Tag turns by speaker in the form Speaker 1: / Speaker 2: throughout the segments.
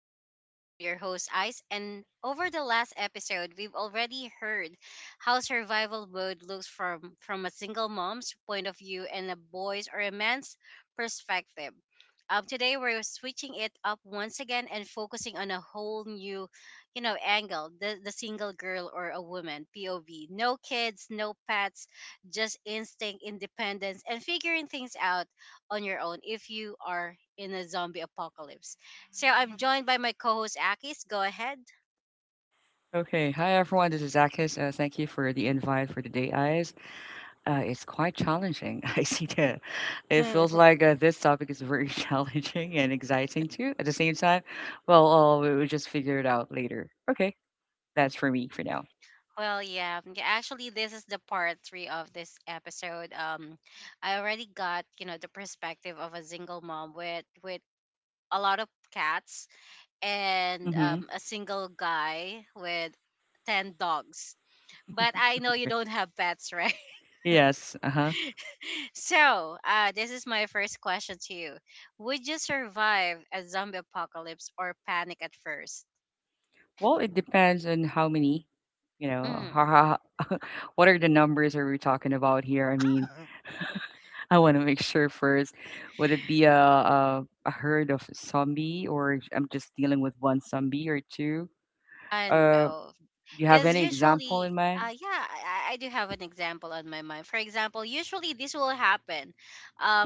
Speaker 1: Ice Things. I'm your host, Ice, and over the last episode, we've already heard how survival mode looks from a single mom's point of view and a boy's or a man's perspective. Today, we're switching it up once again and focusing on a whole new angle, the single girl or a woman, POV. No kids, no pets, just instinct, independence, and figuring things out on your own if you are in a zombie apocalypse. So I'm joined by my co-host Akis. Go ahead.
Speaker 2: Okay. Hi, everyone. This is Akis. Thank you for the invite for the Date Eyes. It's quite challenging. I see that. It feels like this topic is very challenging and exciting too at the same time. Well, we will just figure it out later. Okay. That's for me for now.
Speaker 1: Well, yeah, yeah, actually, this is the part three of this episode. I already got the perspective of a single mom with a lot of cats and
Speaker 2: Mm-hmm.
Speaker 1: a single guy with 10 dogs. But I know you don't have pets, right?
Speaker 2: Yes. Uh huh.
Speaker 1: So, this is my first question to you. Would you survive a zombie apocalypse or panic at first?
Speaker 2: Well, it depends on how many, you know, how,
Speaker 1: Mm.
Speaker 2: how, what are the numbers are we talking about here? I mean, I want to make sure first. Would it be a herd of zombie, or I'm just dealing with one zombie or two?
Speaker 1: I
Speaker 2: Uh,
Speaker 1: know.
Speaker 2: do you have
Speaker 1: Because
Speaker 2: any example
Speaker 1: usually,
Speaker 2: in mind?
Speaker 1: yeah, I do have an example on my mind. For example, usually this will happen.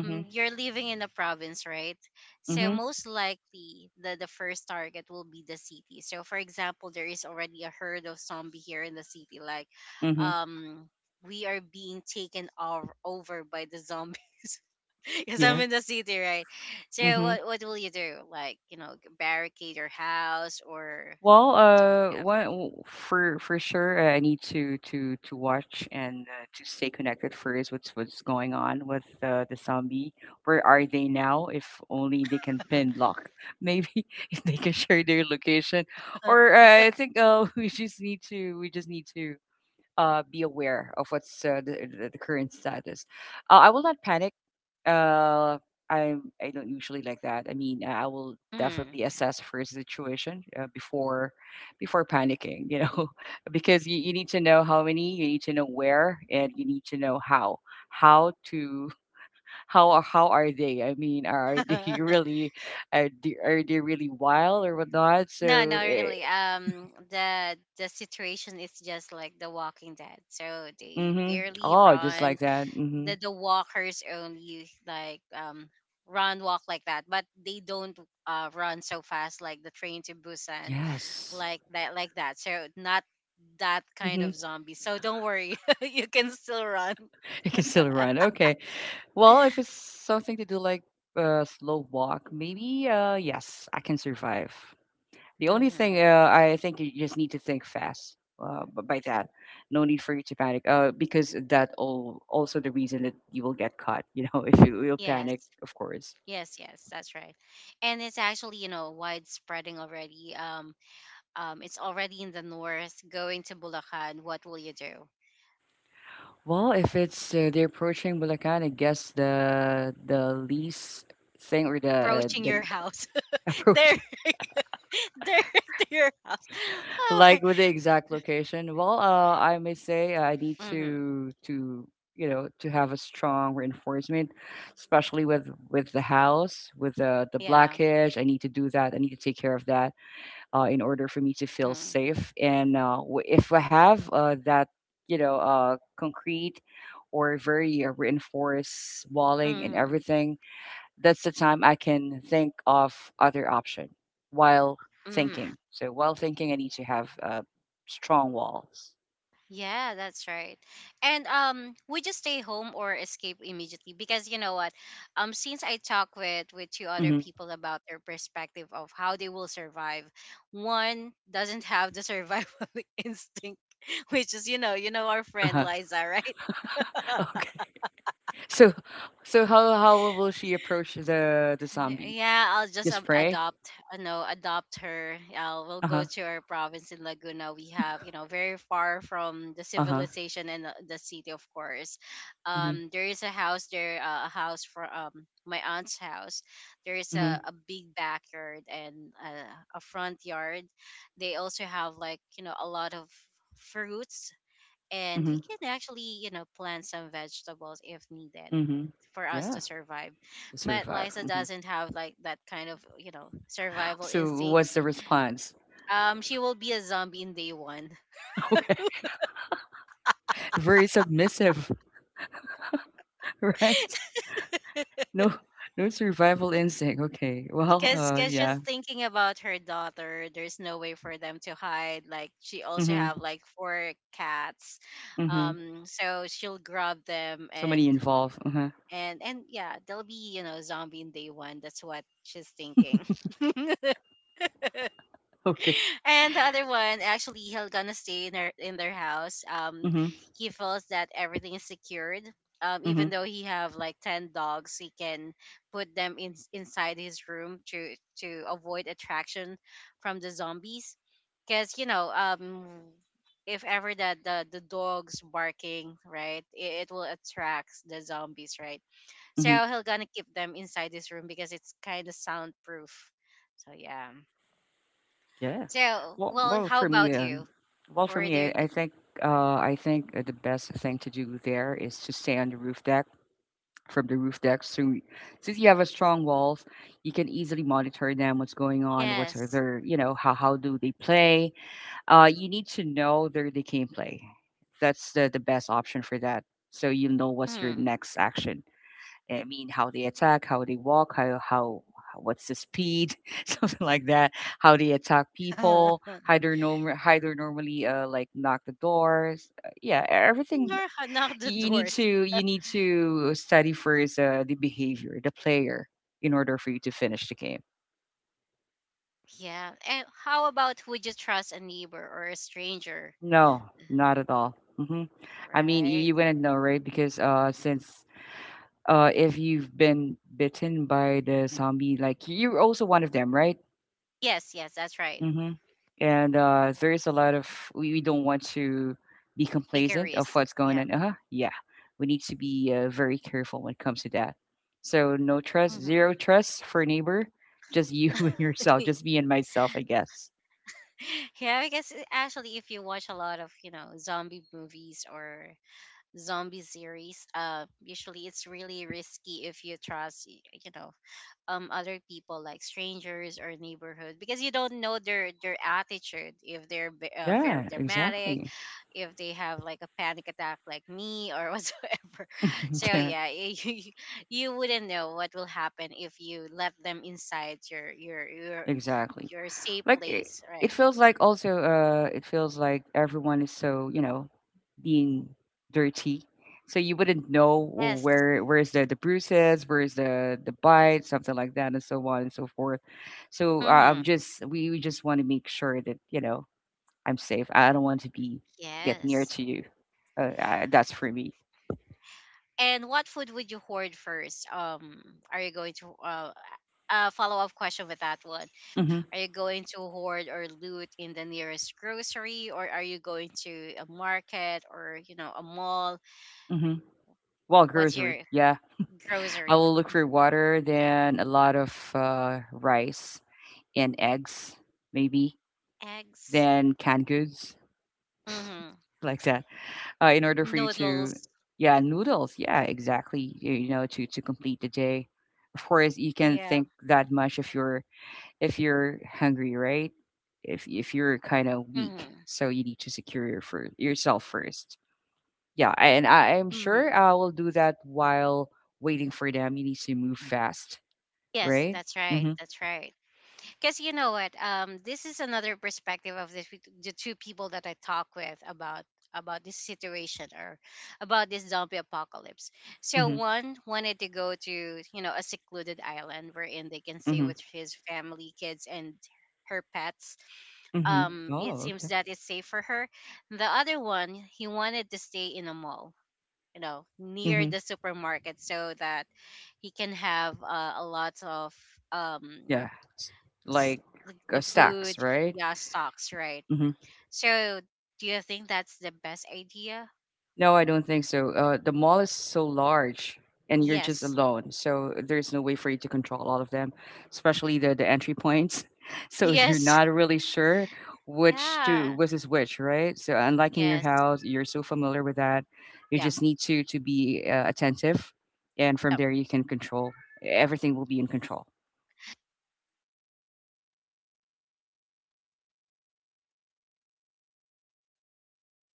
Speaker 2: Mm-hmm.
Speaker 1: You're living in a province, right? So
Speaker 2: Mm-hmm.
Speaker 1: most likely, the first target will be the city. So for example, there is already a herd of zombie here in the city. Like,
Speaker 2: Mm-hmm.
Speaker 1: um, we are being taken over by the zombies. Because I'm
Speaker 2: Yeah.
Speaker 1: in the city, right? So
Speaker 2: Mm-hmm.
Speaker 1: what will you do? Like, barricade your house or
Speaker 2: Well,
Speaker 1: do yeah.
Speaker 2: one for sure, I need to watch and to stay connected first. What's going on with the zombie? Where are they now? If only they can pin lock. Maybe if they can share their location, or I think we just need to be aware of what's the current status. I will not panic. uh, I don't usually like that. I mean, I will
Speaker 1: Mm.
Speaker 2: definitely assess first the situation before panicking. Because you need to know how many, you need to know where, and you need to know how to how are they? I mean, are they really, are they really wild or whatnot?
Speaker 1: No,
Speaker 2: So,
Speaker 1: no, really. The situation is just like The Walking Dead. So they
Speaker 2: mhm.
Speaker 1: barely
Speaker 2: Oh, just
Speaker 1: run.
Speaker 2: like that. Hmm.
Speaker 1: The walkers only like run walk like that, but they don't run so fast like the train to Busan
Speaker 2: Yes.
Speaker 1: like that. So not that kind
Speaker 2: Hmm.
Speaker 1: of zombie. So don't worry, you can still run.
Speaker 2: It can still run. Okay. Well, if it's something to do like a slow walk, maybe yes, I can survive. The only thing
Speaker 1: Mm-hmm.
Speaker 2: I think you just need to think fast. But by that, no need for you to panic. Because that all also the reason that you will get caught. If you will panic,
Speaker 1: Yes,
Speaker 2: of course.
Speaker 1: yes, yes, that's right. And it's actually, widespreading already. It's already in the north, going to Bulacan, what will you do?
Speaker 2: Well, if it's they're approaching Bulacan, I guess the least thing or the
Speaker 1: Approaching
Speaker 2: the
Speaker 1: your house,
Speaker 2: approach.
Speaker 1: there, there to your house. Oh my,
Speaker 2: Like with the exact location. Well, I may say I need
Speaker 1: mm-hmm,
Speaker 2: to you know to have a strong reinforcement, especially with the house with the black
Speaker 1: yeah,
Speaker 2: hedge. I need to do that. I need to take care of that in order for me to feel
Speaker 1: mm-hmm.
Speaker 2: safe. And if I have that concrete or very reinforced walling and
Speaker 1: Mm-hmm.
Speaker 2: everything, that's the time I can think of other option while thinking.
Speaker 1: Mm-hmm.
Speaker 2: So while thinking, I need to have strong walls.
Speaker 1: Yeah, that's right. And we just stay home or escape immediately? Because you know what, since I talked with two other
Speaker 2: Hmm.
Speaker 1: people about their perspective of how they will survive, one doesn't have the survival instinct, which is our friend
Speaker 2: Uh-huh.
Speaker 1: Liza, right.
Speaker 2: Okay. So, so how will she approach the zombie?
Speaker 1: Yeah, I'll just
Speaker 2: Just pray.
Speaker 1: adopt, no, adopt her. Yeah, we'll
Speaker 2: Uh
Speaker 1: go
Speaker 2: huh.
Speaker 1: to our province in Laguna. We have, very far from the
Speaker 2: Uh huh.
Speaker 1: civilization and the city, of course.
Speaker 2: Mhm.
Speaker 1: There is a house there, a house for my aunt's house. There is a,
Speaker 2: Mhm.
Speaker 1: a big backyard and a front yard. They also have like a lot of fruits, and we
Speaker 2: Mhm.
Speaker 1: can actually plant some vegetables if needed
Speaker 2: Mhm.
Speaker 1: for us to
Speaker 2: Yeah.
Speaker 1: survive.
Speaker 2: To
Speaker 1: But
Speaker 2: survive.
Speaker 1: Liza
Speaker 2: Hmm.
Speaker 1: doesn't have like that kind of survival
Speaker 2: So
Speaker 1: instinct.
Speaker 2: what's the response?
Speaker 1: She will be a zombie in day one.
Speaker 2: Okay. Very submissive, right? No, no survival instinct. Okay. Well,
Speaker 1: Because
Speaker 2: yeah.
Speaker 1: just thinking about her daughter, there's no way for them to hide. Like, she also
Speaker 2: Mhm.
Speaker 1: have like four cats,
Speaker 2: Mhm.
Speaker 1: so she'll grab them,
Speaker 2: So many
Speaker 1: and
Speaker 2: involved. Uh-huh.
Speaker 1: and yeah, they'll be zombie in day one. That's what she's thinking.
Speaker 2: Okay.
Speaker 1: And the other one, actually, he'll gonna stay in their house.
Speaker 2: Mhm.
Speaker 1: He feels that everything is secured. Even
Speaker 2: Mhm.
Speaker 1: though he have like 10 dogs, he can put them in inside his room to avoid attraction from the zombies, because if ever that the dog's barking right, it will attract the zombies, right?
Speaker 2: Mhm.
Speaker 1: So he'll gonna keep them inside his room because it's kind of soundproof, so yeah.
Speaker 2: Yeah.
Speaker 1: So,
Speaker 2: Well,
Speaker 1: well,
Speaker 2: well,
Speaker 1: how
Speaker 2: for me,
Speaker 1: about you?
Speaker 2: well, for
Speaker 1: For
Speaker 2: me,
Speaker 1: their
Speaker 2: I, I
Speaker 1: g-
Speaker 2: think, I think the best thing to do there is to stay on the roof deck. From the roof deck, so since you have a strong walls, you can easily monitor them. What's going on? What's
Speaker 1: yes,
Speaker 2: their, how do they play? You need to know their they can play. That's the best option for that. So you know what's your
Speaker 1: mm.
Speaker 2: next action. I mean, how they attack, how they walk, what's the speed, something like that. How they attack
Speaker 1: Nor-
Speaker 2: people, how they're normally like knock the doors. Yeah, everything.
Speaker 1: Knock the
Speaker 2: You need
Speaker 1: doors.
Speaker 2: to you need to study first the behavior, the player, in order for you to finish the game.
Speaker 1: Yeah, and how about, would you trust a neighbor or a stranger?
Speaker 2: No, not at all. Hmm. I mean, you,
Speaker 1: Right?
Speaker 2: you wouldn't know, right? Because since if you've been bitten by the zombie, like you're also one of them, right?
Speaker 1: Yes, yes, that's right.
Speaker 2: Hmm. And there is a lot of we don't want to be
Speaker 1: Take a
Speaker 2: complacent of
Speaker 1: risk.
Speaker 2: what's going
Speaker 1: Yeah.
Speaker 2: on. Uh-huh. Yeah, we need to be very careful when it comes to that. So no trust, zero
Speaker 1: Hmm.
Speaker 2: trust for a neighbor. Just you and yourself. Just me and myself, I guess.
Speaker 1: Yeah, I guess actually, if you watch a lot of zombie movies or zombie series, usually it's really risky if you trust other people like strangers or neighborhood, because you don't know their attitude, if they're very
Speaker 2: Yeah,
Speaker 1: dramatic,
Speaker 2: exactly.
Speaker 1: if they have like a panic attack like me, or whatsoever. So
Speaker 2: Yeah,
Speaker 1: yeah, you wouldn't know what will happen if you let them inside your your your
Speaker 2: exactly.
Speaker 1: your safe
Speaker 2: Like,
Speaker 1: place, right?
Speaker 2: it feels like everyone is so being dirty. So you wouldn't know
Speaker 1: Yes,
Speaker 2: where is the bruises, where is the bite, something like that, and so on and so forth. So i'm
Speaker 1: mm-hmm,
Speaker 2: just we, we just want to make sure that I'm safe. I don't want to be get near
Speaker 1: yes.
Speaker 2: to you. That's for me.
Speaker 1: And what food would you hoard first? Are you going to a follow up question with that one?
Speaker 2: Mm-hmm.
Speaker 1: Are you going to hoard or loot in the nearest grocery, or are you going to a market or a mall?
Speaker 2: Hmm. Well,
Speaker 1: What's
Speaker 2: grocery,
Speaker 1: your
Speaker 2: yeah. I
Speaker 1: grocery?
Speaker 2: will look for water, then a lot of rice and eggs, maybe
Speaker 1: Eggs.
Speaker 2: than canned goods,
Speaker 1: Mm-hmm.
Speaker 2: like that. In order for you to,
Speaker 1: Noodles.
Speaker 2: yeah, noodles. Yeah, exactly. To complete the day. Of course, you can
Speaker 1: Yeah.
Speaker 2: think that much if you're hungry, right? If you're kind of weak,
Speaker 1: Mm-hmm.
Speaker 2: so you need to secure your for yourself first. Yeah, and I am sure
Speaker 1: Mm-hmm.
Speaker 2: I will do that while waiting for them. You need to move fast,
Speaker 1: Yes,
Speaker 2: right?
Speaker 1: that's right.
Speaker 2: Mm-hmm.
Speaker 1: That's right. Because you know what, this is another perspective of the two people that I talk with about this situation, or about this zombie apocalypse. So
Speaker 2: Mm-hmm.
Speaker 1: one wanted to go to a secluded island wherein they can stay
Speaker 2: Mm-hmm.
Speaker 1: with his family, kids, and her pets.
Speaker 2: Mm-hmm.
Speaker 1: It
Speaker 2: Oh,
Speaker 1: seems
Speaker 2: okay.
Speaker 1: that it's safe for her. The other one, he wanted to stay in a mall, near
Speaker 2: Mm-hmm.
Speaker 1: the supermarket, so that he can have a lot of um
Speaker 2: Yeah. s-
Speaker 1: s-
Speaker 2: Like
Speaker 1: like the food,
Speaker 2: stacks, right?
Speaker 1: yeah, stocks, right?
Speaker 2: Mhm.
Speaker 1: So do you think that's the best idea?
Speaker 2: No, I don't think so. The mall is so large and you're just
Speaker 1: Yes.
Speaker 2: alone. So there's no way for you to control all of them, especially the entry points. So you're
Speaker 1: Yes.
Speaker 2: not really sure
Speaker 1: Yeah.
Speaker 2: which is which, right? So unlike in your
Speaker 1: Yes.
Speaker 2: house, you're so familiar with that. You
Speaker 1: Yeah.
Speaker 2: just need to be attentive, and from
Speaker 1: Yep.
Speaker 2: there you can control. Everything will be in control.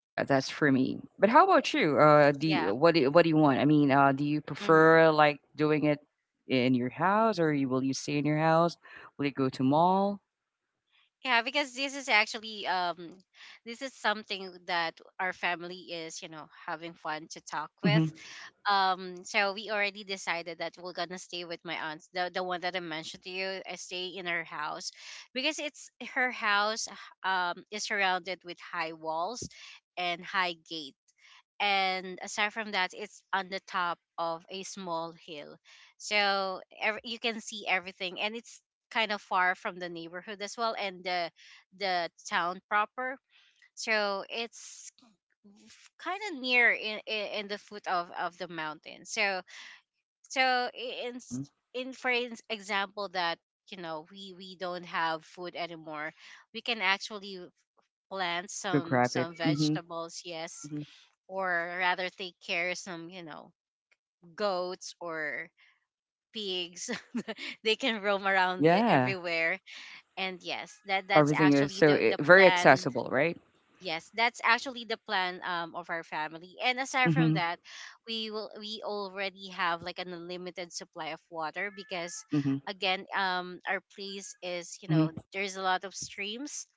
Speaker 2: Yeah, that's for me. But how about you?
Speaker 1: Yeah.
Speaker 2: What do you want? I mean, do you
Speaker 1: Hmm.
Speaker 2: prefer like doing it in your house, or will you stay in your house? Will you go to mall?
Speaker 1: Yeah, because this is actually, this is something that our family is, having fun to talk with.
Speaker 2: Mm-hmm.
Speaker 1: So we already decided that we're gonna stay with my aunt. The one that I mentioned to you, I stay in her house because it's her house is surrounded with high walls and high gates, and aside from that, it's on the top of a small hill, so you can see everything, and it's kind of far from the neighborhood as well, and the town proper, so it's kind of near in the foot of the mountain. So I- in s-
Speaker 2: Mm-hmm.
Speaker 1: in for ins- example that we don't have food anymore, we can actually plant
Speaker 2: Go
Speaker 1: some
Speaker 2: grab it.
Speaker 1: some
Speaker 2: Mm-hmm.
Speaker 1: vegetables, yes.
Speaker 2: Hmm.
Speaker 1: Or rather take care of some, goats or pigs. They can roam around
Speaker 2: Yeah,
Speaker 1: everywhere. And yes, that's
Speaker 2: everything is
Speaker 1: actually
Speaker 2: so
Speaker 1: the the
Speaker 2: very
Speaker 1: plan.
Speaker 2: accessible, right?
Speaker 1: Yes, that's actually the plan of our family. And aside from
Speaker 2: Mm-hmm.
Speaker 1: that, we already have like an unlimited supply of water, because
Speaker 2: Mm-hmm.
Speaker 1: again, our place is,
Speaker 2: Hmm.
Speaker 1: there's a lot of streams.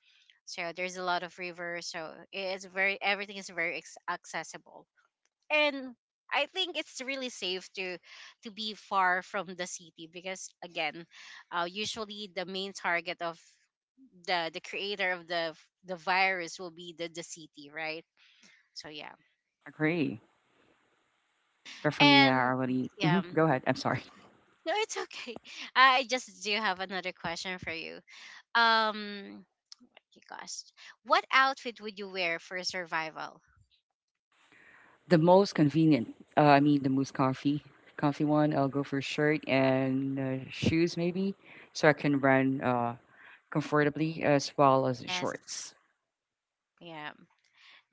Speaker 1: So there's a lot of rivers, so it's very, everything is very accessible. And I think it's really safe to be far from the city, because again, usually the main target of the creator of the virus will be the city, right? So yeah,
Speaker 2: Agree. But for me, I
Speaker 1: and
Speaker 2: already.
Speaker 1: yeah,
Speaker 2: Hmm. Go ahead. I'm sorry.
Speaker 1: no, it's okay. I just do have another question for you. Um, oh gosh, what outfit would you wear for survival?
Speaker 2: The most convenient. I mean, the most comfy, comfy one. I'll go for shirt and shoes, maybe, so I can run, comfortably as well as the
Speaker 1: Yes,
Speaker 2: shorts.
Speaker 1: yeah,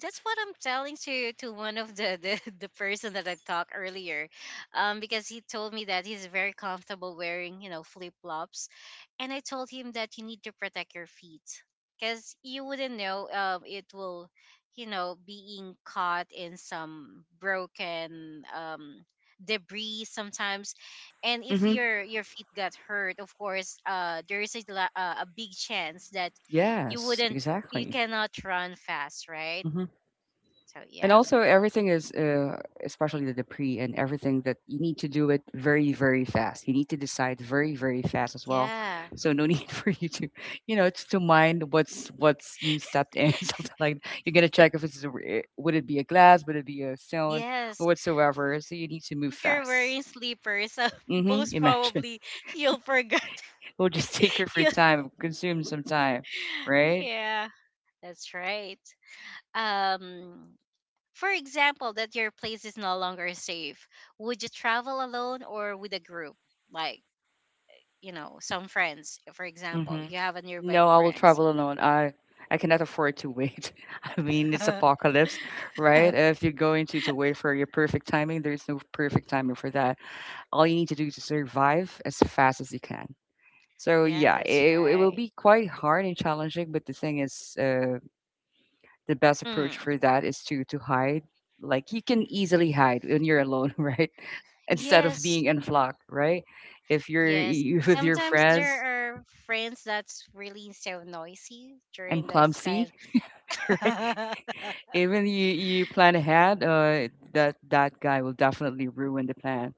Speaker 1: that's what I'm telling to one of the person that I talked earlier. Because he told me that he's very comfortable wearing flip flops, and I told him that you need to protect your feet, because you wouldn't know, it will, being caught in some broken debris sometimes. And if
Speaker 2: Hmm.
Speaker 1: your feet got hurt, of course, there is a big chance that you
Speaker 2: Yes,
Speaker 1: wouldn't you
Speaker 2: exactly.
Speaker 1: cannot run fast, right?
Speaker 2: Hmm.
Speaker 1: So
Speaker 2: And
Speaker 1: yeah,
Speaker 2: also, everything is, especially the pre, and everything that you need to do it very, very fast. You need to decide very, very fast as well.
Speaker 1: yeah,
Speaker 2: So no need for you to, to mind what's you stepped in something like that. You're gonna check if would it be a glass, would it be a stone, or
Speaker 1: yes.
Speaker 2: whatsoever. So you need to move
Speaker 1: If you're
Speaker 2: fast.
Speaker 1: wearing sleepers,
Speaker 2: Mm-hmm.
Speaker 1: most
Speaker 2: Imagine
Speaker 1: probably you'll forget.
Speaker 2: it will just take her for
Speaker 1: you
Speaker 2: time, consume some time, right?
Speaker 1: Yeah, that's right. Um, for example, that your place is no longer safe. Would you travel alone or with a group? Like, some friends. For example,
Speaker 2: Mhm.
Speaker 1: you have a nearby
Speaker 2: No, I will
Speaker 1: friends.
Speaker 2: travel alone. I cannot afford to wait. I mean, it's
Speaker 1: Yeah,
Speaker 2: apocalypse, right? If you're going to wait for your perfect timing, there's no perfect timing for that. All you need to do is to survive as fast as you can. So yeah,
Speaker 1: that's
Speaker 2: it will
Speaker 1: right.
Speaker 2: be quite hard and challenging, but the thing is, the best approach
Speaker 1: Mm.
Speaker 2: for that is to hide. Like you can easily hide when you're alone, right? Instead of
Speaker 1: Yes,
Speaker 2: being in flock, right? If you're
Speaker 1: yes.
Speaker 2: with your
Speaker 1: Sometimes
Speaker 2: friends
Speaker 1: there are friends that's really so noisy
Speaker 2: and
Speaker 1: during this
Speaker 2: clumsy,
Speaker 1: kind.
Speaker 2: right? Even you plan ahead, that guy will definitely ruin the plan,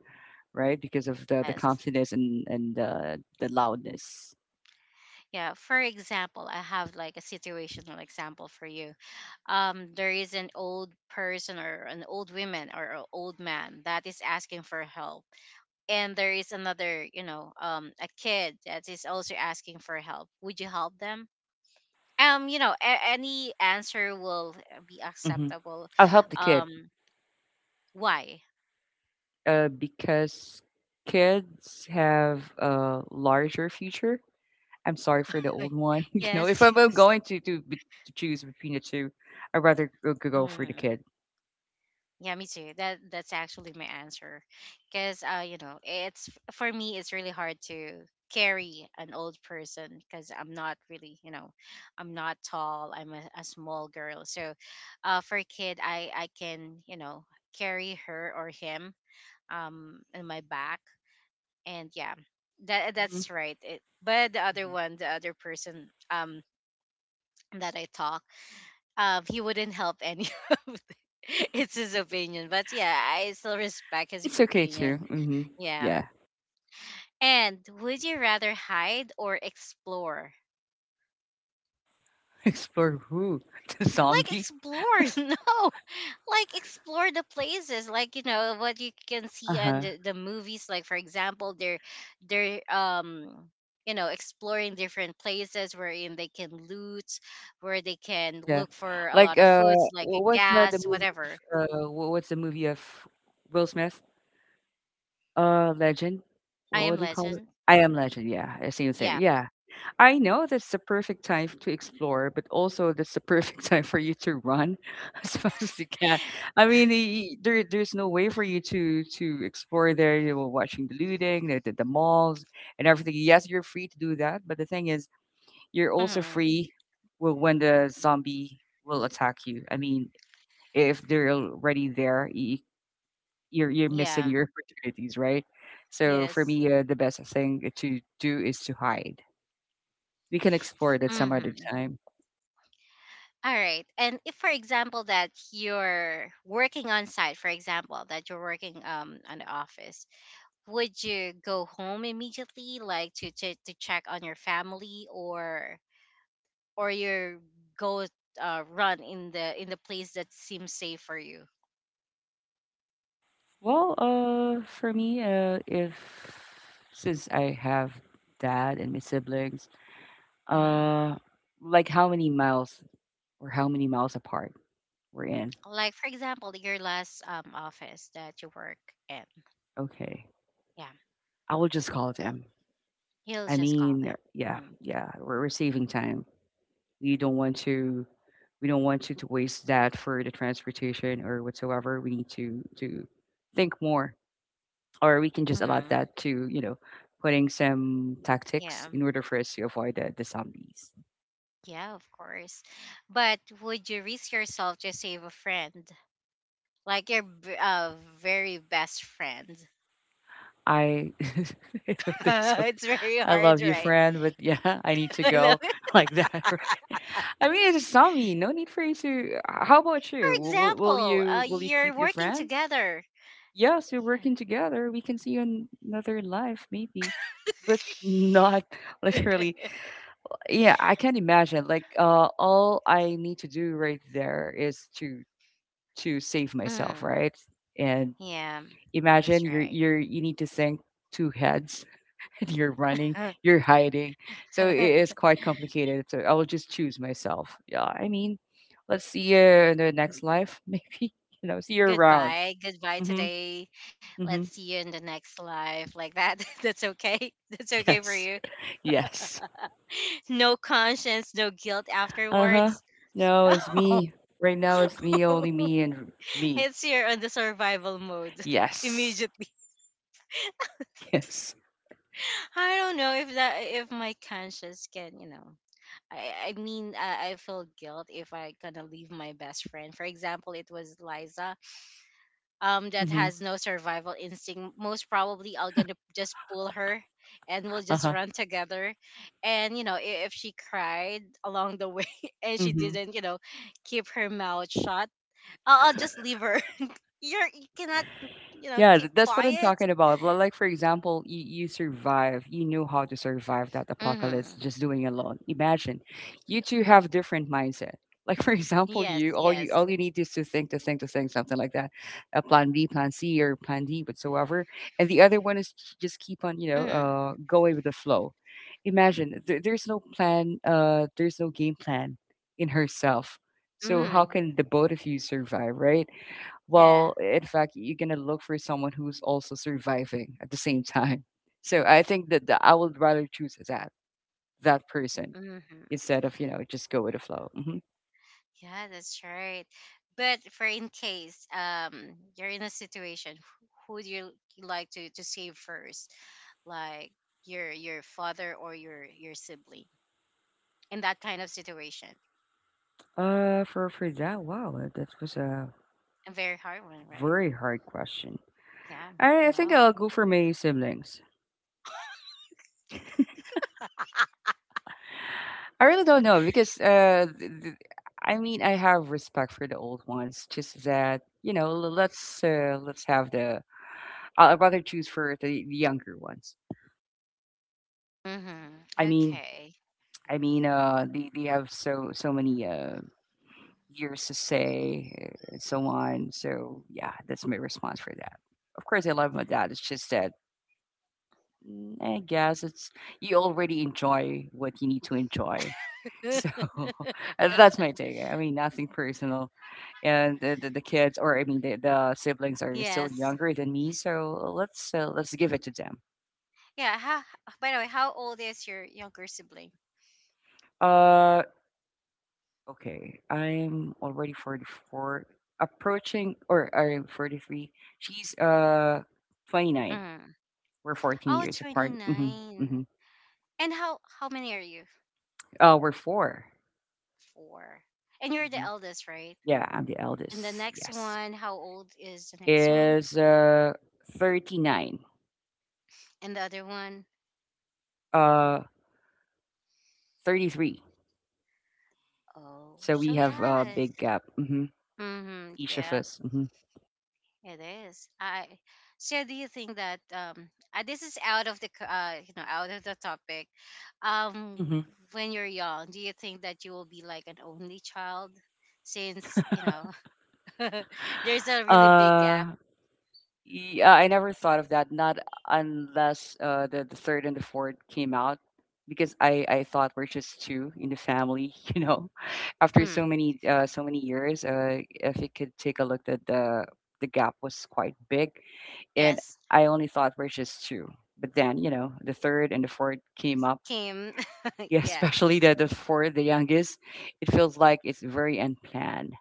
Speaker 2: right? Because of the
Speaker 1: Yes.
Speaker 2: clumsiness and the loudness.
Speaker 1: Yeah. For example, I have like a situational example for you. There is an old person or an old woman or an old man that is asking for help, and there is another a kid that is also asking for help. Would you help them? Any answer will be
Speaker 2: Hmm.
Speaker 1: acceptable.
Speaker 2: I'll help the kid,
Speaker 1: Um, why?
Speaker 2: because kids have a larger future. I'm sorry for the
Speaker 1: Like,
Speaker 2: old one. If
Speaker 1: yes,
Speaker 2: I'm I
Speaker 1: yes.
Speaker 2: going to choose between the two, I'd rather go for the
Speaker 1: Mm.
Speaker 2: kid.
Speaker 1: Yeah, me too. That's actually my answer, because it's for me, it's really hard to carry an old person because I'm not really, I'm not tall. I'm a small girl. So, for a kid, I can, carry her or him in my back, and yeah, that's
Speaker 2: Hmm.
Speaker 1: right. But the other one, the other person, that I taught. He wouldn't help any of it. It's his opinion, but yeah, I still respect his
Speaker 2: It's okay too.
Speaker 1: opinion.
Speaker 2: Hmm.
Speaker 1: Yeah.
Speaker 2: Yeah,
Speaker 1: And would you rather hide or explore?
Speaker 2: explore who the
Speaker 1: Like
Speaker 2: zombie.
Speaker 1: explore, no. Like explore the places, like you know what you can
Speaker 2: Uh
Speaker 1: see on
Speaker 2: huh.
Speaker 1: the movies. Like for example, they're you know exploring different places wherein they can loot, where they can
Speaker 2: Yeah.
Speaker 1: look for a lot
Speaker 2: Like,
Speaker 1: of foods like a
Speaker 2: what was the
Speaker 1: gas,
Speaker 2: movie of,
Speaker 1: whatever.
Speaker 2: what's the movie of Will Smith? Legend?
Speaker 1: I
Speaker 2: What
Speaker 1: Am
Speaker 2: what do you call it?
Speaker 1: Legend.
Speaker 2: I Am Legend, yeah. I see you there.
Speaker 1: Yeah.
Speaker 2: Yeah. I know that's the perfect time to explore, but also that's the perfect time for you to run as fast as you can. I mean, there's no way for you to explore there. You were watching the looting, the malls, and everything. Yes, you're free to do that, but the thing is, you're also
Speaker 1: hmm
Speaker 2: free, well, when the zombie will attack you. I mean, if they're already there, y you're missing
Speaker 1: Yeah.
Speaker 2: your opportunities, right? So for
Speaker 1: Yes.
Speaker 2: me, the best thing to do is to hide. We can explore that some other
Speaker 1: Mm-hmm.
Speaker 2: time.
Speaker 1: All right. And if, for example, that you're working on site, for example, that you're working on the office, would you go home immediately, like to check on your family, or you go run in the place that seems safe for you?
Speaker 2: If since I have dad and my siblings,
Speaker 1: Mm-hmm.
Speaker 2: uh, like how many miles or how many miles apart we're in?
Speaker 1: Like, for example, your last office that you work in.
Speaker 2: Okay,
Speaker 1: Yeah,
Speaker 2: I will just call them.
Speaker 1: he'll just call them.
Speaker 2: Yeah,
Speaker 1: Mm-hmm.
Speaker 2: yeah, we're saving time. We don't want to, we don't want you to waste that for the transportation or whatsoever. We need to think more, or we can just allow
Speaker 1: Mm-hmm.
Speaker 2: that to, you know, putting some tactics
Speaker 1: Yeah.
Speaker 2: in order for us to avoid the zombies.
Speaker 1: Yeah, of course. But would you risk yourself to save a friend? Like your very best friend.
Speaker 2: I I don't think so.
Speaker 1: It's very
Speaker 2: I
Speaker 1: hard,
Speaker 2: love you,
Speaker 1: right?
Speaker 2: friend, but yeah, I need to
Speaker 1: I love
Speaker 2: go,
Speaker 1: it.
Speaker 2: like that, right? I mean, it's a zombie. No need for you to. How about
Speaker 1: For
Speaker 2: you? Will, will will
Speaker 1: example,
Speaker 2: you will you
Speaker 1: you're
Speaker 2: keep your
Speaker 1: working
Speaker 2: friend?
Speaker 1: together.
Speaker 2: Yeah, so
Speaker 1: Yeah.
Speaker 2: working together, we can see another life maybe, but not literally. Yeah, I can't imagine. Like, all I need to do right there is to save myself,
Speaker 1: Mm,
Speaker 2: right? And
Speaker 1: yeah,
Speaker 2: imagine
Speaker 1: that's right.
Speaker 2: you need to think two heads. And you're running, you're hiding, so it is quite complicated. So I will just choose myself. Yeah, I mean, let's see you in the next life, maybe. You know, see you around.
Speaker 1: Goodbye. Goodbye
Speaker 2: Mm-hmm.
Speaker 1: today. Let's
Speaker 2: Mm-hmm.
Speaker 1: see you in the next life. Like that. That's okay. That's okay for
Speaker 2: Yes.
Speaker 1: you.
Speaker 2: Yes.
Speaker 1: No conscience, no guilt
Speaker 2: Uh-huh.
Speaker 1: afterwards.
Speaker 2: No, it's me. Right now it's me, only me and me.
Speaker 1: It's here on the survival mode
Speaker 2: Yes.
Speaker 1: immediately.
Speaker 2: Yes.
Speaker 1: I don't know if that if my conscience can, you know. I mean, I feel guilt if I gonna leave my best friend. For example, it was Liza, that
Speaker 2: Mhm.
Speaker 1: has no survival instinct. Most probably, I'll gonna just pull her, and we'll just
Speaker 2: Uh-huh.
Speaker 1: run together. And you know, if she cried along the way and she
Speaker 2: Mhm.
Speaker 1: didn't, you know, keep her mouth shut, I'll just leave her. You're, you cannot you know
Speaker 2: Yeah,
Speaker 1: keep
Speaker 2: that's what I'm
Speaker 1: quiet.
Speaker 2: talking about. Like, for example, you survive, you knew how to survive that apocalypse
Speaker 1: Mm-hmm.
Speaker 2: just doing it alone. Imagine you two have different mindset. Like, for example,
Speaker 1: Yes, yes.
Speaker 2: you need is to think, to think, to think, something like that, a plan B, plan C, or plan D, whatsoever. And the other one is just keep on, you know,
Speaker 1: Mm-hmm.
Speaker 2: going with the flow. Imagine there's no plan, there's no game plan in herself. So how
Speaker 1: Mm-hmm.
Speaker 2: can the both of you survive, right?
Speaker 1: Yeah.
Speaker 2: Well, in fact, you're gonna look for someone who's also surviving at the same time. So I think that I would rather choose that person
Speaker 1: Mm-hmm.
Speaker 2: instead of, you know, just go with the flow.
Speaker 1: Yeah, that's right. But for in case you're in a situation, who do you like to save first? Like your father or your sibling in that kind of situation?
Speaker 2: For that, wow, that was a
Speaker 1: A very hard one, right?
Speaker 2: very hard question.
Speaker 1: Yeah.
Speaker 2: I think
Speaker 1: Yeah.
Speaker 2: I'll go for my siblings. I really don't know because I mean I have respect for the old ones. Just that you know, let's have the. I'd rather choose for the younger ones.
Speaker 1: Mm-hmm.
Speaker 2: I mean,
Speaker 1: Okay.
Speaker 2: I mean, they have so many years to say, and so on. So yeah, that's my response for that. Of course, I love my dad. It's just that, I guess it's, you already enjoy what you need to enjoy. So that's my take. I mean, nothing personal. And the kids, or I mean, the siblings are still
Speaker 1: Yes.
Speaker 2: younger than me. So let's give it to them.
Speaker 1: Yeah. How, by the way, how old is your younger sibling?
Speaker 2: Uh, Okay, I'm already 44, approaching, or I'm 43. She's 29.
Speaker 1: Mm-hmm.
Speaker 2: We're 14
Speaker 1: Oh,
Speaker 2: years
Speaker 1: twenty
Speaker 2: apart. Hmm
Speaker 1: nine. And how many are you?
Speaker 2: We're 4.
Speaker 1: Four. And you're the
Speaker 2: Mm-hmm.
Speaker 1: eldest, right?
Speaker 2: Yeah, I'm the
Speaker 1: And the
Speaker 2: eldest.
Speaker 1: next
Speaker 2: Yes,
Speaker 1: one, how old is the next one?
Speaker 2: is 39.
Speaker 1: And the other one?
Speaker 2: Uh, 33.
Speaker 1: Oh,
Speaker 2: So
Speaker 1: so
Speaker 2: we have a
Speaker 1: yes.
Speaker 2: big gap.
Speaker 1: Mm-hmm.
Speaker 2: Each of
Speaker 1: Yeah,
Speaker 2: us.
Speaker 1: it is. I so do you think that this is out of the you know out of the topic. Um
Speaker 2: Hmm
Speaker 1: when you're young, do you think that you will be like an only child since, you know, there's a really big gap?
Speaker 2: Uh, Yeah, I never thought of that. Not unless the the third and the fourth came out, because I thought we're just two in the family. You know, after so
Speaker 1: Mm,
Speaker 2: many so many years, if you could take a look at the gap was quite big, and
Speaker 1: yes.
Speaker 2: I only thought we're just two. But then you know, the third and the fourth came up.
Speaker 1: Kim.
Speaker 2: Yeah,
Speaker 1: Yeah.
Speaker 2: especially the fourth, the youngest. It feels like it's very unplanned,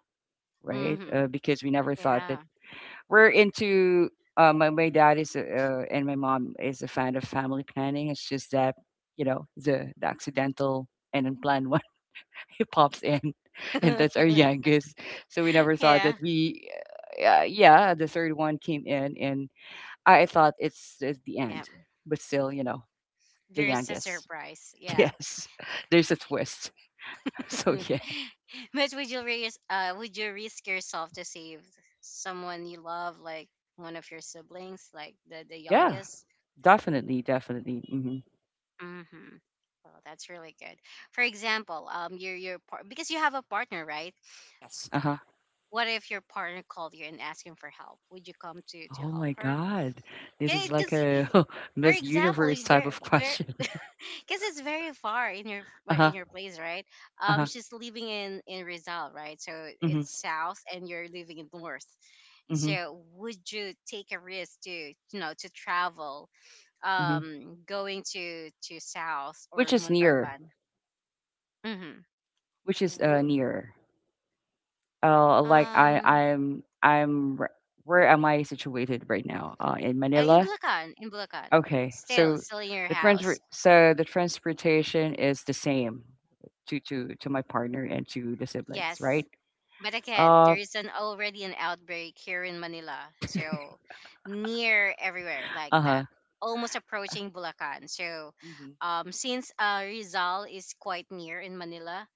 Speaker 2: right?
Speaker 1: Mm-hmm.
Speaker 2: Because we never thought that
Speaker 1: Yeah.
Speaker 2: we're into, my my dad is a, and my mom is a fan of family planning. It's just that you know the accidental and unplanned one it pops in, and that's our youngest. So we never thought
Speaker 1: Yeah.
Speaker 2: that we. Yeah, the third one came in, and I thought it's the
Speaker 1: Yeah.
Speaker 2: end, but still, you know, the
Speaker 1: There is a
Speaker 2: youngest.
Speaker 1: surprise. Yeah.
Speaker 2: Yes, there's a twist. So
Speaker 1: But
Speaker 2: yeah,
Speaker 1: would you risk? Would you risk yourself to save someone you love, like one of your siblings, like the
Speaker 2: yeah,
Speaker 1: youngest?
Speaker 2: definitely, definitely.
Speaker 1: Mm-hmm. Oh, that's really good. For example, your because you have a partner, right?
Speaker 2: Yes. Uh huh.
Speaker 1: What if your partner called you and asked him for help? Would you come to
Speaker 2: Oh
Speaker 1: help
Speaker 2: my
Speaker 1: her?
Speaker 2: god. This
Speaker 1: Yeah,
Speaker 2: is like
Speaker 1: because
Speaker 2: a
Speaker 1: for
Speaker 2: Miss
Speaker 1: example,
Speaker 2: Universe type
Speaker 1: very
Speaker 2: of question.
Speaker 1: because it's very far in your
Speaker 2: Uh-huh.
Speaker 1: in your place, right?
Speaker 2: Uh-huh.
Speaker 1: She's living in Rizal, right? So
Speaker 2: Mhm.
Speaker 1: it's south, and you're living in north.
Speaker 2: Mhm.
Speaker 1: So would you take a risk to you know to travel,
Speaker 2: Mhm.
Speaker 1: going to south
Speaker 2: Which
Speaker 1: or
Speaker 2: is nearer?
Speaker 1: Montalban? Mm-hmm.
Speaker 2: Which is
Speaker 1: W-
Speaker 2: nearer? Like I
Speaker 1: um,
Speaker 2: I'm r- where am I situated right now? In
Speaker 1: in
Speaker 2: Manila.
Speaker 1: Bulacan, in Bulacan,
Speaker 2: Okay.
Speaker 1: still
Speaker 2: So
Speaker 1: still in your
Speaker 2: the transfer
Speaker 1: house.
Speaker 2: so the transportation is the same to my partner and to the siblings, right?
Speaker 1: Yes. But again, there
Speaker 2: Uh
Speaker 1: is an already an outbreak here in Manila, so near everywhere like that,
Speaker 2: uh-huh.
Speaker 1: almost approaching Bulacan. So,
Speaker 2: Mhm.
Speaker 1: since Rizal is quite near in Manila,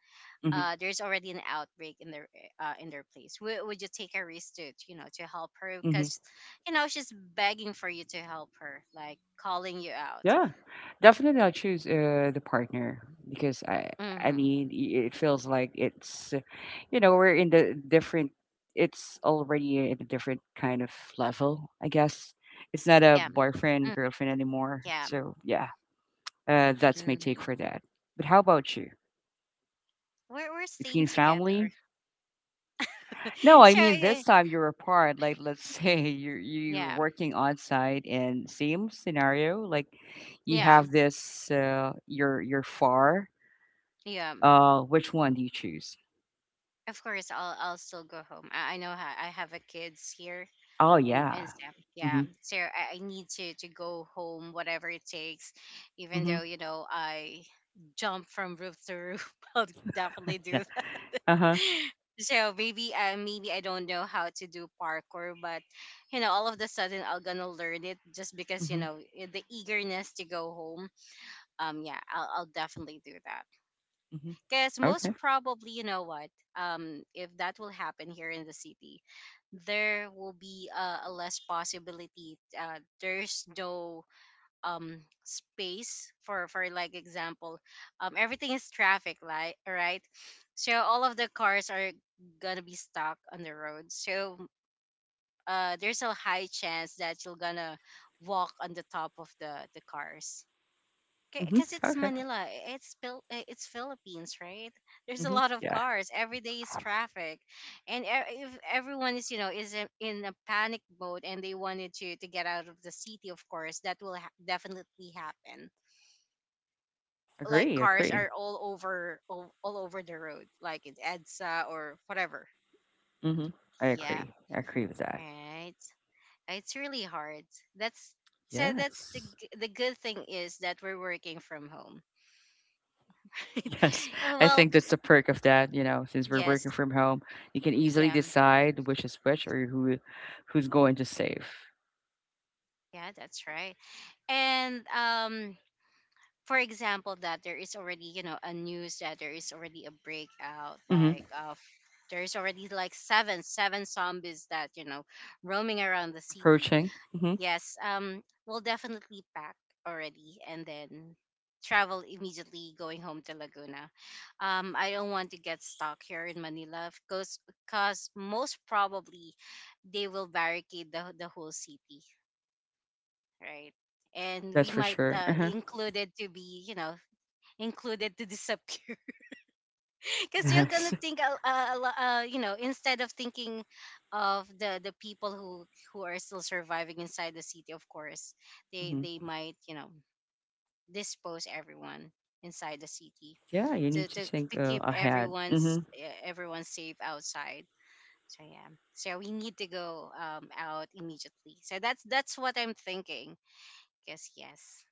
Speaker 2: Mhm.
Speaker 1: there's already an outbreak in their place. Would you take a risk to you know to help her
Speaker 2: Mhm.
Speaker 1: because, you know, she's begging for you to help her, like calling you out.
Speaker 2: Yeah, definitely I'll choose the partner because I
Speaker 1: Mm-hmm.
Speaker 2: mean it feels like it's you know we're in the different, it's already in a different kind of level I guess, it's not a
Speaker 1: Yeah.
Speaker 2: boyfriend
Speaker 1: Mm,
Speaker 2: girlfriend anymore,
Speaker 1: yeah.
Speaker 2: so yeah, that's my take
Speaker 1: Mm-hmm.
Speaker 2: for that, but how about you
Speaker 1: We're staying
Speaker 2: between family?
Speaker 1: together,
Speaker 2: No, I
Speaker 1: so
Speaker 2: mean
Speaker 1: eh,
Speaker 2: this time you're apart, like let's say you're
Speaker 1: yeah.
Speaker 2: working on site and same scenario like you
Speaker 1: Yeah.
Speaker 2: have this you're far.
Speaker 1: Yeah,
Speaker 2: Which one do you choose?
Speaker 1: of course. I'll still go home. I know I have a kids here
Speaker 2: Oh,
Speaker 1: and
Speaker 2: yeah.
Speaker 1: Sam. Yeah,
Speaker 2: Mhm,
Speaker 1: so I need to go home, whatever it takes. Even
Speaker 2: mhm.
Speaker 1: though you know I jump from roof to roof, I'll definitely do that.
Speaker 2: Yeah. Uh-huh.
Speaker 1: So maybe maybe I don't know how to do parkour, but you know all of the sudden I'll gonna learn it just because you
Speaker 2: Mhm,
Speaker 1: know the eagerness to go home. Yeah, I'll definitely do that.
Speaker 2: mhm.
Speaker 1: Because most
Speaker 2: Okay.
Speaker 1: probably, you know what? If that will happen here in the city, there will be a less possibility. There's no space for like example, everything is traffic light, right? So all of the cars are gonna be stuck on the road. So there's a high chance that you're gonna walk on the top of the cars
Speaker 2: Mhm.
Speaker 1: because it's
Speaker 2: Okay.
Speaker 1: Manila, it's Philippines, right? There's a
Speaker 2: Mhm.
Speaker 1: lot of
Speaker 2: Yeah.
Speaker 1: cars. Every day is traffic, and if everyone is, you know, is in a panic mode and they wanted to get out of the city, of course, that will definitely happen. Like
Speaker 2: Agree,
Speaker 1: cars
Speaker 2: agree.
Speaker 1: are all over all over the road, like in EDSA or whatever.
Speaker 2: Mhm. I
Speaker 1: Yeah,
Speaker 2: agree. I agree with that.
Speaker 1: right. It's really hard. That's so. That's the
Speaker 2: Yes.
Speaker 1: the good thing is that we're working from home.
Speaker 2: Yes. I
Speaker 1: Well,
Speaker 2: think that's the perk of that, you know, since we're working
Speaker 1: yes,
Speaker 2: from home, you can easily
Speaker 1: yeah,
Speaker 2: decide which is which or who who's going to save.
Speaker 1: yeah, that's right. And for example, that there is already, you know, a news that there is already a breakout,
Speaker 2: Mhm.
Speaker 1: like of there is already like seven zombies that you know, roaming around the city.
Speaker 2: Approaching. Mhm.
Speaker 1: Yes, we'll definitely pack already, and then travel immediately going home to Laguna. I don't want to get stuck here in Manila because most probably they will barricade the whole city, right? And
Speaker 2: That's
Speaker 1: we
Speaker 2: for
Speaker 1: might
Speaker 2: sure. Uh-huh.
Speaker 1: included to be, you know, included to disappear because you're gonna
Speaker 2: Yes.
Speaker 1: think, you know, instead of thinking of the people who are still surviving inside the city. Of course, they
Speaker 2: Mhm.
Speaker 1: they might, you know, dispose everyone inside the city
Speaker 2: Yeah, you
Speaker 1: to
Speaker 2: need to
Speaker 1: to,
Speaker 2: think
Speaker 1: to keep
Speaker 2: ahead.
Speaker 1: everyone's
Speaker 2: Mhm.
Speaker 1: everyone safe outside. So yeah, so we need to go out immediately. So that's what I'm thinking. Because yes,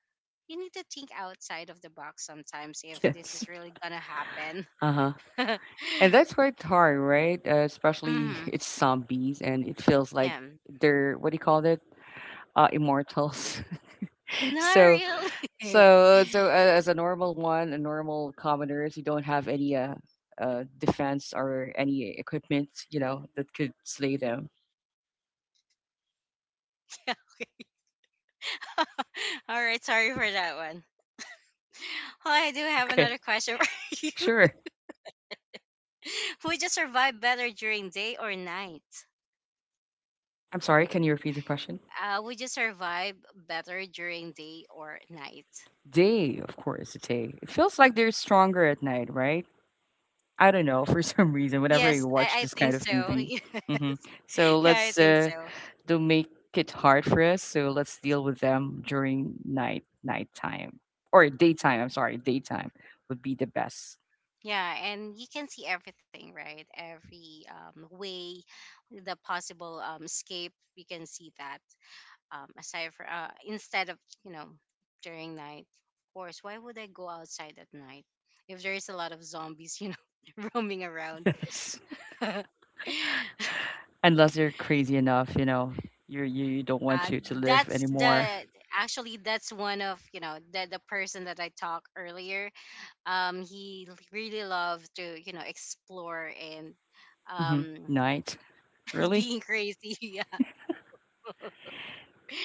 Speaker 1: you need to think outside of the box sometimes if this
Speaker 2: Yes.
Speaker 1: is really gonna happen.
Speaker 2: Uh-huh. And that's quite hard, right? Especially
Speaker 1: hmm
Speaker 2: it's zombies, and it feels like,
Speaker 1: Yeah.
Speaker 2: they're what do you call it? Immortals.
Speaker 1: Not
Speaker 2: so, so,
Speaker 1: really.
Speaker 2: so as a normal one, a normal commoners, you don't have any defense or any equipment, you know, that could slay them.
Speaker 1: All right, sorry for that one. Well, I do have
Speaker 2: Okay,
Speaker 1: another question for you.
Speaker 2: sure.
Speaker 1: Would you survive better during day or night?
Speaker 2: I'm sorry. Can you repeat the question?
Speaker 1: Would you survive better during day or night?
Speaker 2: Day, of course, it's day. It feels like they're stronger at night, right? I don't know for some reason. Whenever I
Speaker 1: Yes,
Speaker 2: watch
Speaker 1: I
Speaker 2: this
Speaker 1: think
Speaker 2: kind of
Speaker 1: so.
Speaker 2: movie, hmm
Speaker 1: Yes.
Speaker 2: so
Speaker 1: Yeah, I
Speaker 2: let's
Speaker 1: think so.
Speaker 2: they'll make it hard for us, so let's deal with them during nighttime or daytime. I'm sorry, daytime would be the best.
Speaker 1: Yeah, and you can see everything, right? Every way, the possible escape, you can see that. Aside for instead of you know during night, of course, why would I go outside at night if there is a lot of zombies, you know, roaming around?
Speaker 2: Yes,
Speaker 1: uh,
Speaker 2: unless they're crazy enough, you know, you you don't want you to live
Speaker 1: that's
Speaker 2: anymore.
Speaker 1: the actually that's one of you know the person that I talked earlier. He really loved to you know explore and
Speaker 2: hmm
Speaker 1: um
Speaker 2: Night, really?
Speaker 1: being crazy. Yeah.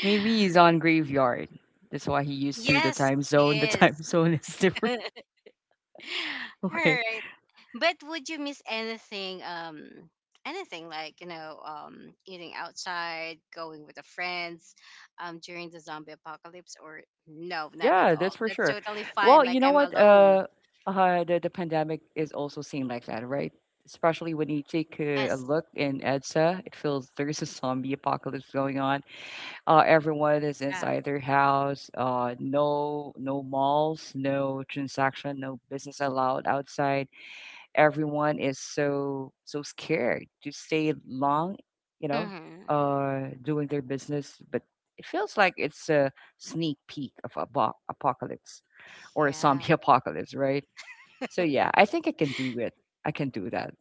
Speaker 2: Maybe he's on graveyard. That's why he used to the
Speaker 1: Yes,
Speaker 2: time
Speaker 1: he
Speaker 2: zone. The
Speaker 1: is.
Speaker 2: time zone is different.
Speaker 1: All
Speaker 2: Okay,
Speaker 1: right. But would you miss anything? Anything like you know, eating outside, going with the friends, during the zombie apocalypse, or no, not at
Speaker 2: yeah,
Speaker 1: all.
Speaker 2: that's for
Speaker 1: That's
Speaker 2: sure.
Speaker 1: totally fine.
Speaker 2: Well,
Speaker 1: Like
Speaker 2: you know
Speaker 1: I'm
Speaker 2: what?
Speaker 1: alone.
Speaker 2: The pandemic is also seen like that, right? Especially when you take a
Speaker 1: Yes.
Speaker 2: look in EDSA, it feels there's a zombie apocalypse going on. Everyone is
Speaker 1: Yeah.
Speaker 2: inside their house. No, No malls, no transaction, no business allowed outside, everyone is so scared to stay long, you know,
Speaker 1: Mm-hmm.
Speaker 2: doing their business. But it feels like it's a sneak peek of a apocalypse or a
Speaker 1: Yeah.
Speaker 2: zombie apocalypse, right? So yeah, I think I can do it. I can do that.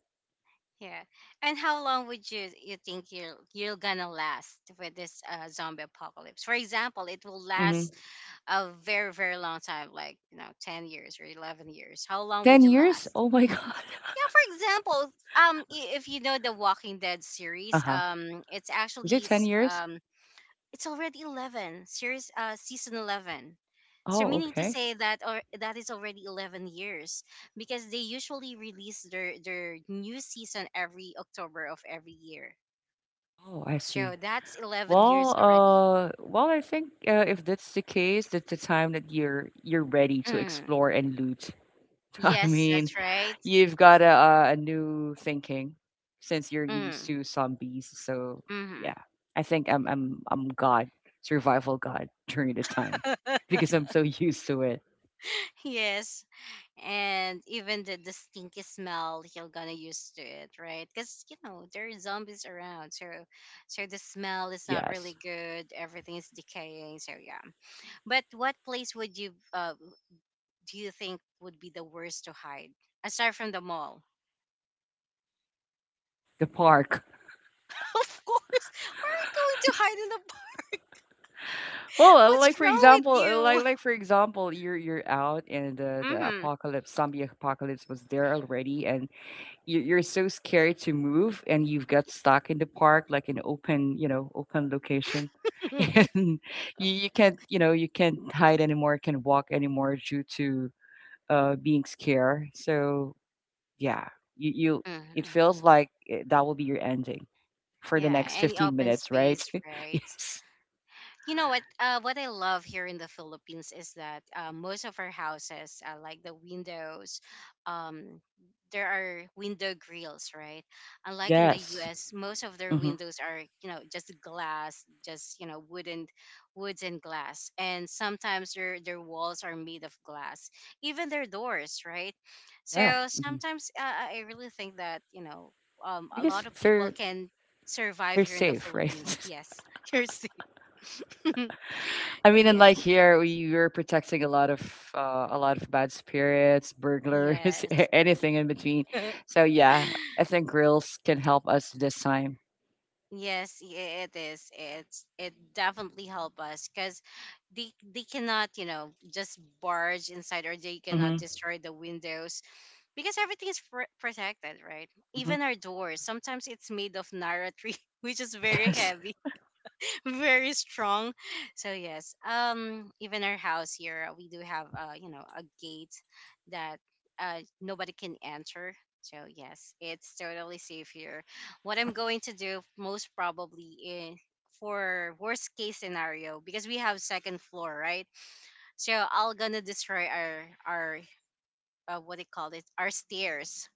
Speaker 1: Yeah. And how long would you you think you're gonna last with this zombie apocalypse? For example, it will last
Speaker 2: hmm
Speaker 1: a very long time like you know 10 years or 11 years, how long
Speaker 2: Ten
Speaker 1: would you
Speaker 2: years?
Speaker 1: last?
Speaker 2: Oh my god.
Speaker 1: Yeah, for example, if you know the Walking Dead
Speaker 2: Uh
Speaker 1: series,
Speaker 2: huh.
Speaker 1: it's
Speaker 2: Is it
Speaker 1: actually
Speaker 2: ten years?
Speaker 1: it's already 11 series, season 11, so
Speaker 2: Oh,
Speaker 1: meaning to
Speaker 2: okay.
Speaker 1: say that or that is already 11 years because they usually release their new season every October of every year,
Speaker 2: Oh, I
Speaker 1: so
Speaker 2: see.
Speaker 1: that's 11
Speaker 2: Well,
Speaker 1: years already.
Speaker 2: uh, well, I think if that's the case, that's the time that you're ready to
Speaker 1: Mm.
Speaker 2: explore and loot. I
Speaker 1: Yes,
Speaker 2: mean,
Speaker 1: that's right.
Speaker 2: you've got a new thinking since you're used
Speaker 1: Mm.
Speaker 2: to zombies. So
Speaker 1: Mm-hmm.
Speaker 2: yeah, I think I'm God, survival God during the time because I'm so used to it.
Speaker 1: Yes. And even the stinky smell, he'll gonna used to it, right? Because you know there are zombies around, so so the smell is not really
Speaker 2: Yes,
Speaker 1: good. Everything is decaying, so yeah. But what place would you do you think would be the worst to hide aside from the mall?
Speaker 2: the park.
Speaker 1: Of course, where are you going to hide in the park?
Speaker 2: Well,
Speaker 1: What's
Speaker 2: like for
Speaker 1: wrong with
Speaker 2: example,
Speaker 1: you?
Speaker 2: like for example, you're out and the
Speaker 1: Mm-hmm.
Speaker 2: apocalypse, zombie apocalypse was there already, and you're so scared to move and you've got stuck in the park like an open, you know, open location, and you can't, you know, you can't hide anymore, can't walk anymore due to being scared, so yeah, you, it
Speaker 1: hmm
Speaker 2: feels like that will be your ending for the
Speaker 1: Yeah,
Speaker 2: next
Speaker 1: any
Speaker 2: 15
Speaker 1: open
Speaker 2: minutes, right?
Speaker 1: space, right?
Speaker 2: Yes,
Speaker 1: You know what I love here in the Philippines is that most of our houses like the windows um, there are window grills, right? Unlike in the
Speaker 2: yes.
Speaker 1: US, most of their
Speaker 2: hmm
Speaker 1: windows are you know just glass, just you know wooden woods and glass, and sometimes their walls are made of glass, even their doors, right?
Speaker 2: yeah.
Speaker 1: So
Speaker 2: hmm
Speaker 1: sometimes I really think that you know a lot
Speaker 2: because
Speaker 1: of people
Speaker 2: they're
Speaker 1: can survive
Speaker 2: they're
Speaker 1: here in the
Speaker 2: safe,
Speaker 1: Philippines.
Speaker 2: right?
Speaker 1: Yes, you're.
Speaker 2: I mean, and like
Speaker 1: Yes,
Speaker 2: here, we were protecting a lot of bad spirits, burglars,
Speaker 1: yes.
Speaker 2: anything in between. So yeah, I think grills can help us this time.
Speaker 1: Yes, it is. It definitely help us because they cannot just barge inside, or they cannot
Speaker 2: hmm
Speaker 1: destroy the windows because everything is protected, right?
Speaker 2: hmm
Speaker 1: Even our doors. Sometimes it's made of nara tree, which is very
Speaker 2: Yes.
Speaker 1: heavy. Very strong. So yes, even our house here, we do have a gate that nobody can enter. So yes, it's totally safe here. What I'm going to do most probably is, for worst case scenario, because we have second floor, right? So I'll gonna destroy our our what do you call it? Our stairs,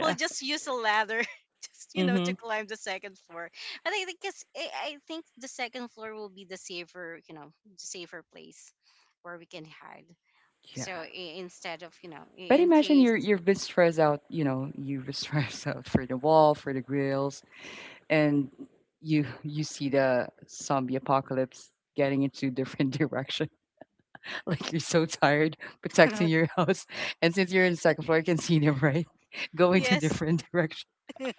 Speaker 1: we'll just use a ladder just to
Speaker 2: Mm-hmm.
Speaker 1: climb the second floor. But I think the second floor will be the safer, the safer place where we can hide.
Speaker 2: Yeah.
Speaker 1: So instead of,
Speaker 2: But
Speaker 1: in
Speaker 2: imagine
Speaker 1: case.
Speaker 2: you're, you've been stressed out, you know, you were stressed out for the wall, for the grills, and you see the zombie apocalypse getting into different directions. Like you're so tired protecting your house. And since you're in the second floor, you can see them, right? Going to
Speaker 1: Yes.
Speaker 2: different direction.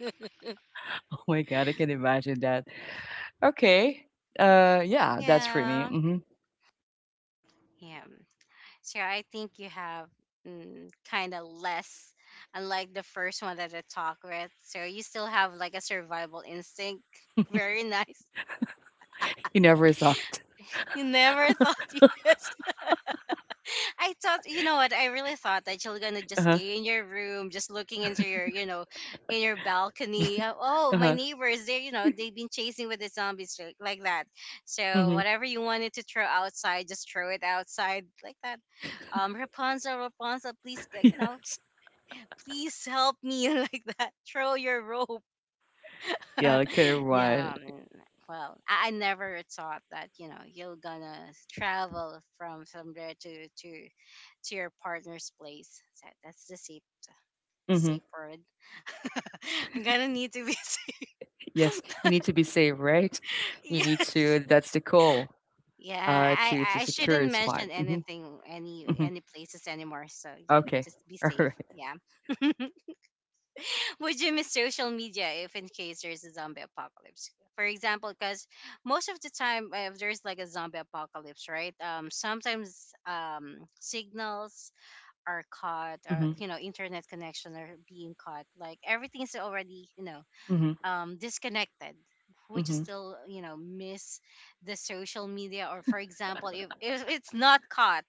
Speaker 2: Oh my god, I can imagine that. Okay. Yeah, that's for me.
Speaker 1: Yeah, yeah. So I think you have, kind of less, unlike the first one that I talked with. So you still have like a survival instinct. Very nice.
Speaker 2: You never thought.
Speaker 1: You never thought. Yes. I thought, you know what? I really thought that you're gonna just
Speaker 2: Uh-huh.
Speaker 1: stay in your room, just looking into your, you know, in your balcony. Oh, my
Speaker 2: Uh-huh.
Speaker 1: neighbors, they, you know, they've been chasing with the zombies, like that. So
Speaker 2: hmm
Speaker 1: whatever you wanted to throw outside, just throw it outside like that. Rapunzel, Rapunzel, please, you know,
Speaker 2: Yes.
Speaker 1: please help me, like that. Throw your rope.
Speaker 2: Yeah, like kind of wild.
Speaker 1: No, mm, well, I never thought that, you know, you're gonna travel from somewhere to your partner's place. So that's the safe,
Speaker 2: hmm
Speaker 1: safe word. I'm gonna need to be safe.
Speaker 2: Yes. You need to be safe, right? You need
Speaker 1: Yeah.
Speaker 2: to, that's the goal.
Speaker 1: Yeah,
Speaker 2: Uh,
Speaker 1: I
Speaker 2: to
Speaker 1: I
Speaker 2: secure
Speaker 1: shouldn't
Speaker 2: a spot.
Speaker 1: mention anything,
Speaker 2: Hmm
Speaker 1: any places anymore. So yeah,
Speaker 2: Okay.
Speaker 1: just be
Speaker 2: All
Speaker 1: safe.
Speaker 2: right.
Speaker 1: Yeah. Would you miss social media if in case there's a zombie apocalypse? For example, because most of the time, if there's like a zombie apocalypse, right? Sometimes signals are cut, or
Speaker 2: Mm-hmm.
Speaker 1: you know, internet connection are being cut. Like everything's already, you know,
Speaker 2: Mm-hmm.
Speaker 1: disconnected. We just
Speaker 2: Mm-hmm.
Speaker 1: still, you know, miss the social media. Or for example, if it's not caught,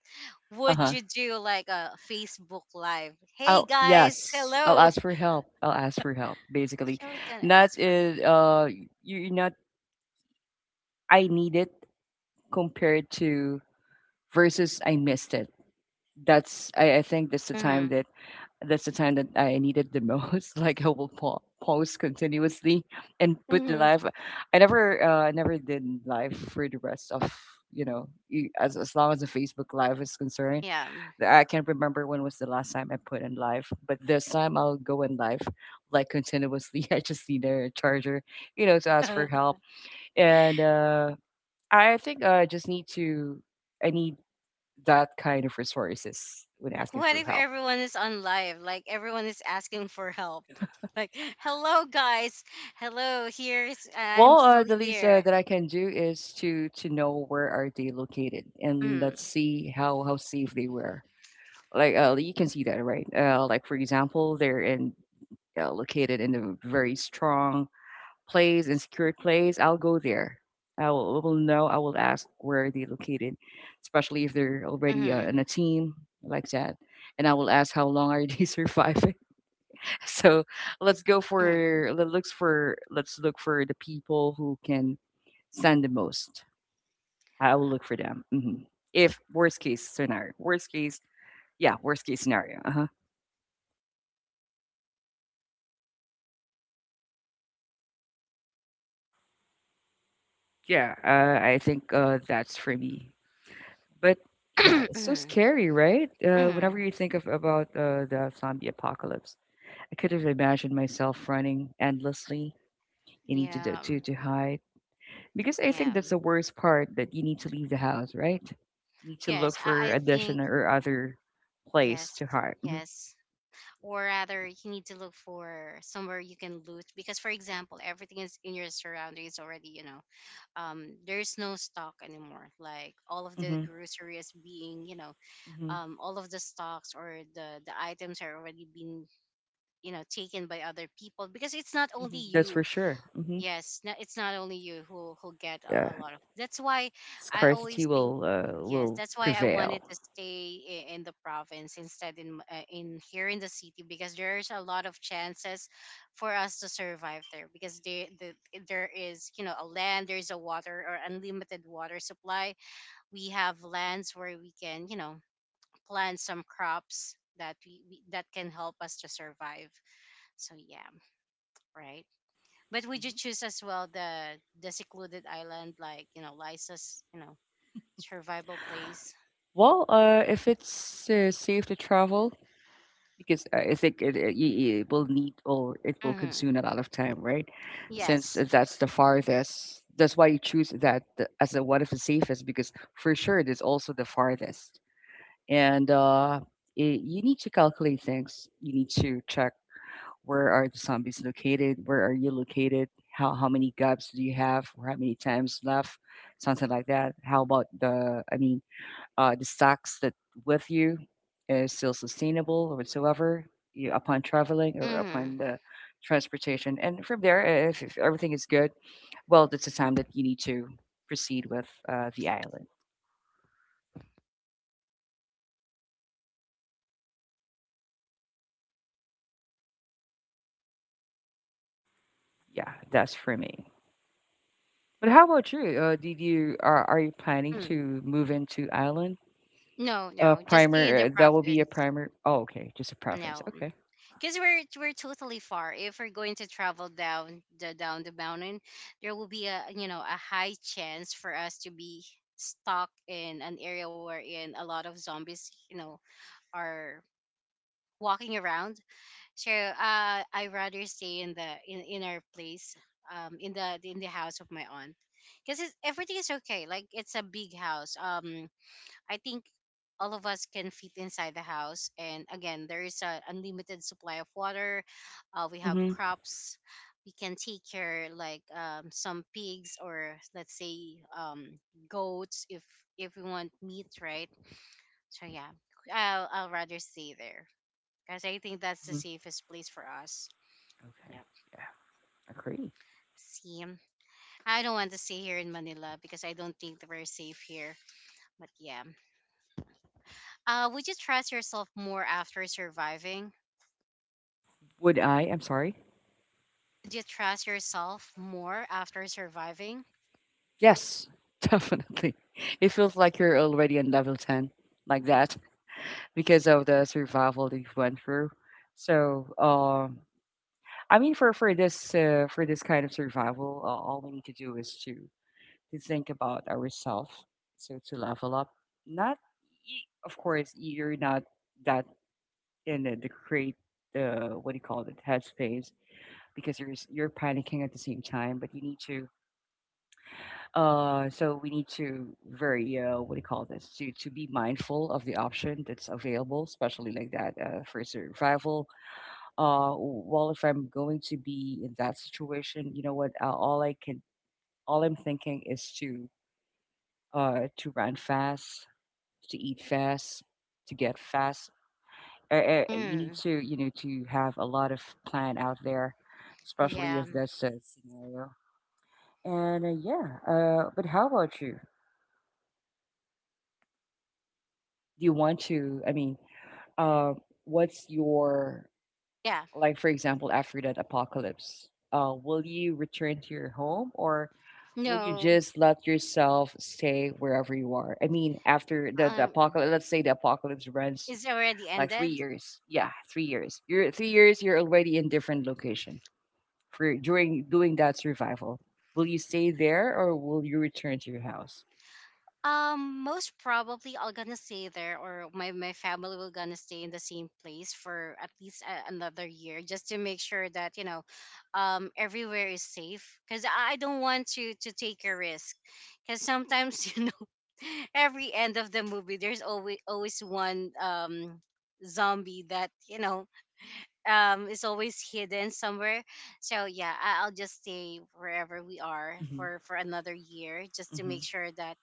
Speaker 1: would
Speaker 2: Uh-huh.
Speaker 1: you do like a Facebook live? Hey
Speaker 2: I'll
Speaker 1: guys,
Speaker 2: yes, I'll
Speaker 1: hello.
Speaker 2: ask for help. I'll ask for help.
Speaker 1: I
Speaker 2: Basically,
Speaker 1: can gonna
Speaker 2: not
Speaker 1: ask for help.
Speaker 2: is you're not I need it compared to versus I missed it. That's I, I think that's the time
Speaker 1: Hmm.
Speaker 2: that that's the time that I needed the most. Like I will pause continuously and put the
Speaker 1: Hmm.
Speaker 2: live. I never did live for the rest of, as long as the Facebook live is concerned.
Speaker 1: Yeah.
Speaker 2: I can't remember when was the last time I put in live, but this time I'll go in live like continuously. I just need a charger, you know, to ask for help. And I think I just need to, I need that kind of resources when asking
Speaker 1: What
Speaker 2: for
Speaker 1: if
Speaker 2: help.
Speaker 1: everyone is on live, like everyone is asking for help? Like hello guys, hello, here's I'm
Speaker 2: Well,
Speaker 1: still
Speaker 2: the least
Speaker 1: here.
Speaker 2: that I can do is to know where are they located, and
Speaker 1: Mm-hmm.
Speaker 2: let's see how safe they were. Like you can see that, right? Like for example, they're in located in a very strong plays and secured plays. I'll go there. I will know. I will ask where they are located, especially if they're already in
Speaker 1: Mm-hmm.
Speaker 2: a team like that. And I will ask how long are they surviving. So let's go for let- looks for let's look for the people who can stand the most. I will look for them. If worst case scenario, worst case, yeah, worst case scenario. Uh huh. Yeah, I think that's for me. But yeah, it's so scary, right?
Speaker 1: Mm-hmm.
Speaker 2: Whenever you think of about the zombie apocalypse, I could have imagined myself running endlessly. You need to
Speaker 1: Yeah.
Speaker 2: to hide because I think
Speaker 1: Yeah.
Speaker 2: that's the worst part that you need to leave the house, right? You need to look
Speaker 1: Yes,
Speaker 2: for
Speaker 1: I think
Speaker 2: additional or other place
Speaker 1: yes,
Speaker 2: to hide.
Speaker 1: yes. Or rather, you need to look for somewhere you can loot because, for example, everything is in your surroundings already. You know, there's no stock anymore. Like all of the
Speaker 2: Hmm
Speaker 1: grocery is being, you know,
Speaker 2: hmm
Speaker 1: all of the stocks or the items are already being, you know, taken by other people because it's not only
Speaker 2: That's for
Speaker 1: you.
Speaker 2: sure.
Speaker 1: Yes, no, it's not only you who get
Speaker 2: Yeah,
Speaker 1: a lot of. That's why I
Speaker 2: scarcity
Speaker 1: always think. Yes.
Speaker 2: will
Speaker 1: That's why I
Speaker 2: prevail.
Speaker 1: wanted to stay in the province, instead in in here in the city, because there's a lot of chances for us to survive there. Because there there is, you know, a land, there's a water or unlimited water supply. We have lands where we can, you know, plant some crops that we that can help us to survive. So yeah, right. But would you
Speaker 2: Mhm.
Speaker 1: choose as well the secluded island, like, you know, Lysa's, you know, survival place?
Speaker 2: Well, if it's safe to travel, because I think it will need or it will
Speaker 1: Mm-hmm.
Speaker 2: consume a lot of time, right? Since
Speaker 1: Yes.
Speaker 2: that's the farthest, that's why you choose that as a one of the safest because for sure it is also the farthest, and it, you need to calculate things. You need to check where are the zombies located, where are you located, how many gaps do you have, or how many times left, something like that. How about the? I mean, the stocks that with you is still sustainable or whatsoever you, upon traveling or
Speaker 1: Mm-hmm.
Speaker 2: upon the transportation. And from there, if everything is good, well, that's the time that you need to proceed with the island. Yeah, that's for me. But how about you? Did you are you planning
Speaker 1: Mm.
Speaker 2: to move into island?
Speaker 1: No, no, just stay in
Speaker 2: Primer.
Speaker 1: the
Speaker 2: That will be a
Speaker 1: province.
Speaker 2: primer. Oh, okay, just a province.
Speaker 1: No,
Speaker 2: Okay.
Speaker 1: because we're totally far. If we're going to travel down the, down the mountain, there will be a, you know, a high chance for us to be stuck in an area wherein a lot of zombies, you know, are walking around. So, uh, I rather stay in the, in our place, in the, in the house of my aunt, because everything is okay. Like it's a big house. I think all of us can fit inside the house, and again, there is a unlimited supply of water. We have
Speaker 2: Mm-hmm.
Speaker 1: crops. We can take care, like some pigs, or let's say goats, if we want meat, right? So yeah, I'll rather stay there because I think that's the safest place for us.
Speaker 2: Okay.
Speaker 1: Yep.
Speaker 2: Yeah, agree.
Speaker 1: See, I don't want to stay here in Manila because I don't think that we're safe here. But yeah. Would you trust yourself more after surviving?
Speaker 2: Would I? I'm sorry.
Speaker 1: Would you trust yourself more after surviving?
Speaker 2: Yes, definitely. It feels like you're already on level 10, like that, because of the survival that you went through. So, I mean, for this for this kind of survival, all we need to do is to think about ourselves. So to level up, not of course you're not that in the great what do you call it headspace because you're panicking at the same time, but you need to. So we need to very what do you call this? To be mindful of the option that's available, especially like that for survival. Well, if I'm going to be in that situation, you know what? All I can, all I'm thinking is to run fast, to eat fast, to get fast. You need
Speaker 1: Mm,
Speaker 2: to you know to have a lot of plan out there, especially
Speaker 1: yeah.
Speaker 2: if that's a scenario. And yeah, but how about you? Do you want to? I mean uh, what's your,
Speaker 1: Yeah.
Speaker 2: like for example after that apocalypse will you return to your home or will you
Speaker 1: No.
Speaker 2: just let yourself stay wherever you are? I mean after the
Speaker 1: Um,
Speaker 2: apocalypse, let's say the apocalypse runs
Speaker 1: it's already
Speaker 2: like three
Speaker 1: ended.
Speaker 2: years. Yeah, three years you're already in different location for during doing that survival. Will you stay there or will you return to your house?
Speaker 1: Most probably I'll gonna stay there, or my family will gonna stay in the same place for at least a, another year, just to make sure that, you know, everywhere is safe. Cause I don't want to take a risk, cause sometimes you know, every end of the movie there's always one, zombie, that, you know, is always hidden somewhere. So yeah, I'll just stay wherever we are
Speaker 2: hmm
Speaker 1: for another year, just to
Speaker 2: hmm
Speaker 1: make sure that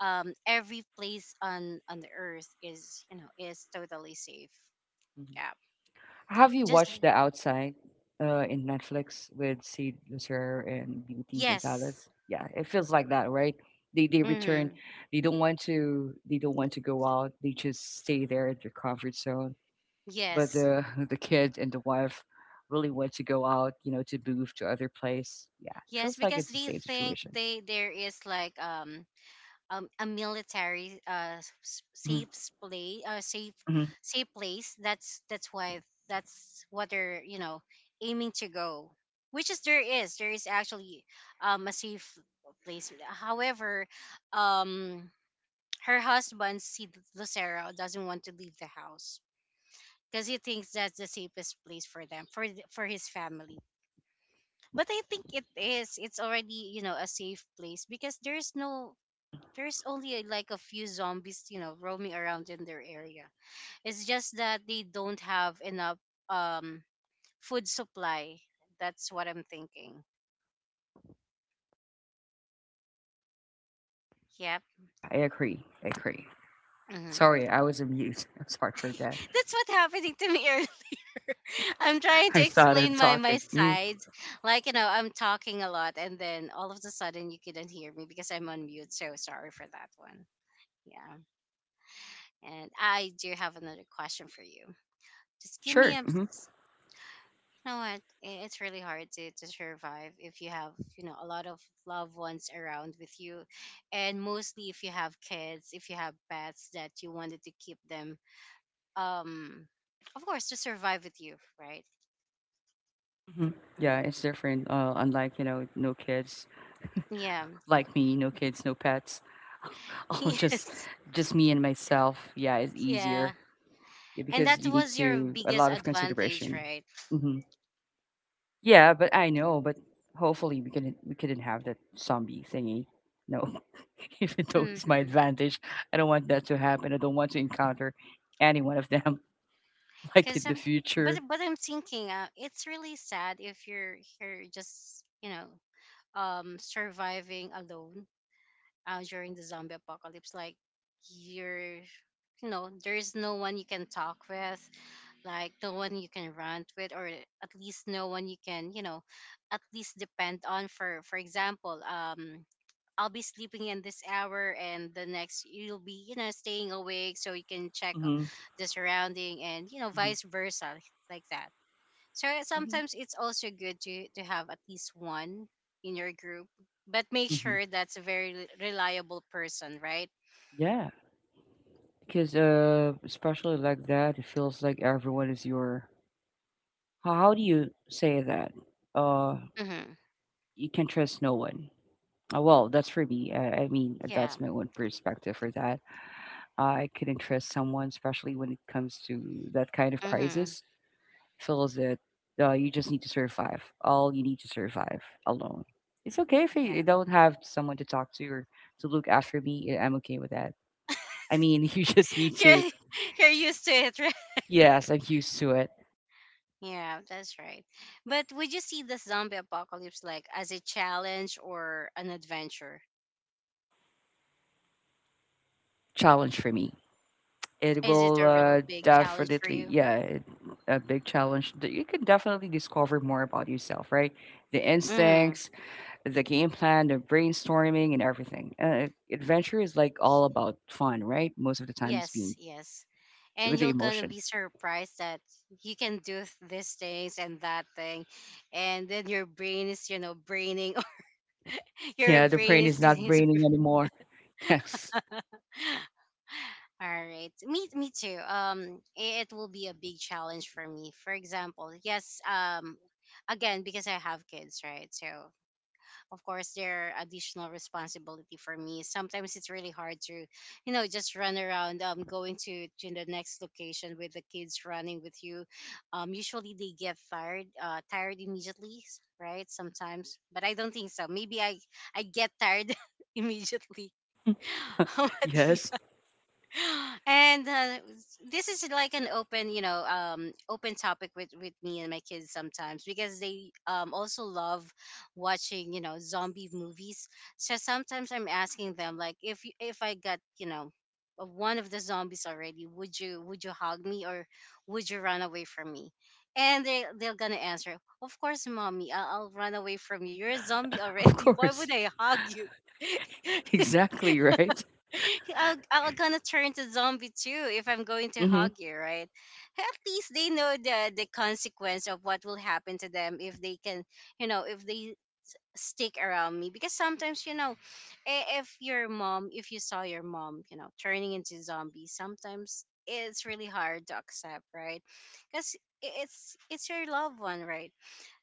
Speaker 1: every place on the earth is, you know, is totally safe. Yeah,
Speaker 2: Have you
Speaker 1: just
Speaker 2: watched The Outside in Netflix with Sid Lucier and Beauty
Speaker 1: yes,
Speaker 2: Gonzalez? Yeah, it feels like that, right? They return.
Speaker 1: mm-hmm.
Speaker 2: They don't want to. They don't want to go out. They just stay there at their comfort zone. But
Speaker 1: Yes,
Speaker 2: the the kid and the wife really want to go out. You know, to move to other place. Yeah, it
Speaker 1: yes,
Speaker 2: feels like
Speaker 1: because
Speaker 2: it's the
Speaker 1: they
Speaker 2: same
Speaker 1: think
Speaker 2: situation.
Speaker 1: they, there is like a military
Speaker 2: hmm
Speaker 1: safe play, safe,
Speaker 2: hmm
Speaker 1: safe place, that's why, that's what they're, you know, aiming to go, which is there is, there is actually a safe place. However, um, her husband, see Lucero, doesn't want to leave the house because he thinks that's the safest place for them, for for his family. But I think it is. It's already, you know, a safe place, because there's no,
Speaker 2: hmm
Speaker 1: there's only like a few zombies, you know, roaming around in their area. It's just that they don't have enough, um, food supply. That's what I'm thinking. Yep.
Speaker 2: Yeah, I agree. I agree.
Speaker 1: Hmm.
Speaker 2: Sorry, I was on mute. I'm sorry for that.
Speaker 1: That's what happening to me earlier. I'm trying to
Speaker 2: I started
Speaker 1: explain my, my
Speaker 2: talking. Mhm.
Speaker 1: sides. Like, you know, I'm talking a lot and then all of a sudden you couldn't hear me because I'm on mute. So sorry for that one. Yeah. And I do have another question for you. Just give me
Speaker 2: Sure.
Speaker 1: a
Speaker 2: Mhm.
Speaker 1: you know what? It's really hard to survive if you have, you know, a lot of loved ones around with you. And mostly if you have kids, if you have pets that you wanted to keep them, um, of course, to survive with you, right?
Speaker 2: Mhm.
Speaker 1: Hmm.
Speaker 2: Yeah, it's different. Unlike, you know, no kids,
Speaker 1: Yeah.
Speaker 2: like me, no kids, no pets. Oh,
Speaker 1: Yes.
Speaker 2: just me and myself. Yeah, it's
Speaker 1: Yeah.
Speaker 2: easier. Yeah,
Speaker 1: And
Speaker 2: because
Speaker 1: that
Speaker 2: you need
Speaker 1: was your
Speaker 2: to a
Speaker 1: biggest
Speaker 2: lot of
Speaker 1: advantage,
Speaker 2: consideration.
Speaker 1: right?
Speaker 2: hmm Yeah, but I know, but hopefully we couldn't have that zombie thingy. No, even though it's my
Speaker 1: Mm-hmm.
Speaker 2: advantage, I don't want that to happen. I don't want to encounter any one of them like
Speaker 1: Cause
Speaker 2: in the
Speaker 1: I'm,
Speaker 2: future.
Speaker 1: but I'm thinking, it's really sad if you're here just, you know, surviving alone, during the zombie apocalypse. Like you're, you know, there is no one you can talk with, like the one you can rant with, or at least no one you can, you know, at least depend on. For example, um, I'll be sleeping in this hour, and the next you'll be, you know, staying awake so you can check,
Speaker 2: hmm
Speaker 1: the surrounding, and you know,
Speaker 2: hmm
Speaker 1: vice versa, like that. So
Speaker 2: hmm
Speaker 1: sometimes it's also good to have at least one in your group. But make
Speaker 2: hmm
Speaker 1: sure that's a very reliable person, right?
Speaker 2: Yeah. Because especially like that, it feels like everyone is your. How do you say that? Uh,
Speaker 1: Mm-hmm.
Speaker 2: you can trust no one. Well, that's for me. I mean,
Speaker 1: Yeah.
Speaker 2: that's my own perspective for that. I couldn't trust someone, especially when it comes to that kind of
Speaker 1: Mm-hmm.
Speaker 2: crisis. Feels that you just need to survive. All you need to survive alone. It's okay if
Speaker 1: Yeah.
Speaker 2: you don't have someone to talk to or to look after me. Eh, I'm okay with that. I mean, you just need to.
Speaker 1: You're you're used to it, right?
Speaker 2: Yes, I'm used to it.
Speaker 1: Yeah, that's right. But would you see the zombie apocalypse like as a challenge or an adventure?
Speaker 2: Challenge for me. It
Speaker 1: Is it
Speaker 2: will
Speaker 1: a real big challenge for
Speaker 2: definitely,
Speaker 1: you?
Speaker 2: a big challenge. That You can definitely discover more about yourself, right? The
Speaker 1: Mm,
Speaker 2: instincts, the game plan, the brainstorming, and everything. Adventure is like all about fun, right? Most of the time, it's
Speaker 1: yes,
Speaker 2: being
Speaker 1: yes. And
Speaker 2: with the
Speaker 1: you're gonna
Speaker 2: emotion.
Speaker 1: be surprised that you can do these things and that thing, and then your brain is, you know, braining. Your
Speaker 2: Yeah, the
Speaker 1: brain
Speaker 2: brain
Speaker 1: is.
Speaker 2: is not
Speaker 1: Is
Speaker 2: braining anymore. Yes,
Speaker 1: All right, me too. It will be a big challenge for me. For example, yes. Again, because I have kids, right? So of course there are additional responsibility for me. Sometimes it's really hard to, you know, just run around, um, going to the next location with the kids running with you. Um, usually they get tired, tired immediately, right, sometimes. But I don't think so, maybe I get tired immediately. How about you?
Speaker 2: yes,
Speaker 1: And this is like an open, you know, um, open topic with me and my kids sometimes, because they also love watching, you know, zombie movies. So sometimes I'm asking them, like, if I got, you know, of one of the zombies already, would you, would you hug me, or would you run away from me? And they're gonna answer, of course, mommy, I'll run away from you, you're a zombie
Speaker 2: of
Speaker 1: already. Why
Speaker 2: course,
Speaker 1: would I hug you?
Speaker 2: exactly, right?
Speaker 1: Hey, I'll gonna turn to zombie too if I'm going to
Speaker 2: Mm-hmm.
Speaker 1: hug you, right? Hey, at least they know the consequence of what will happen to them if they can, you know, if they stick around me. Because sometimes, if you saw your mom, turning into zombie, sometimes it's really hard to accept, right? Because it's your loved one, right?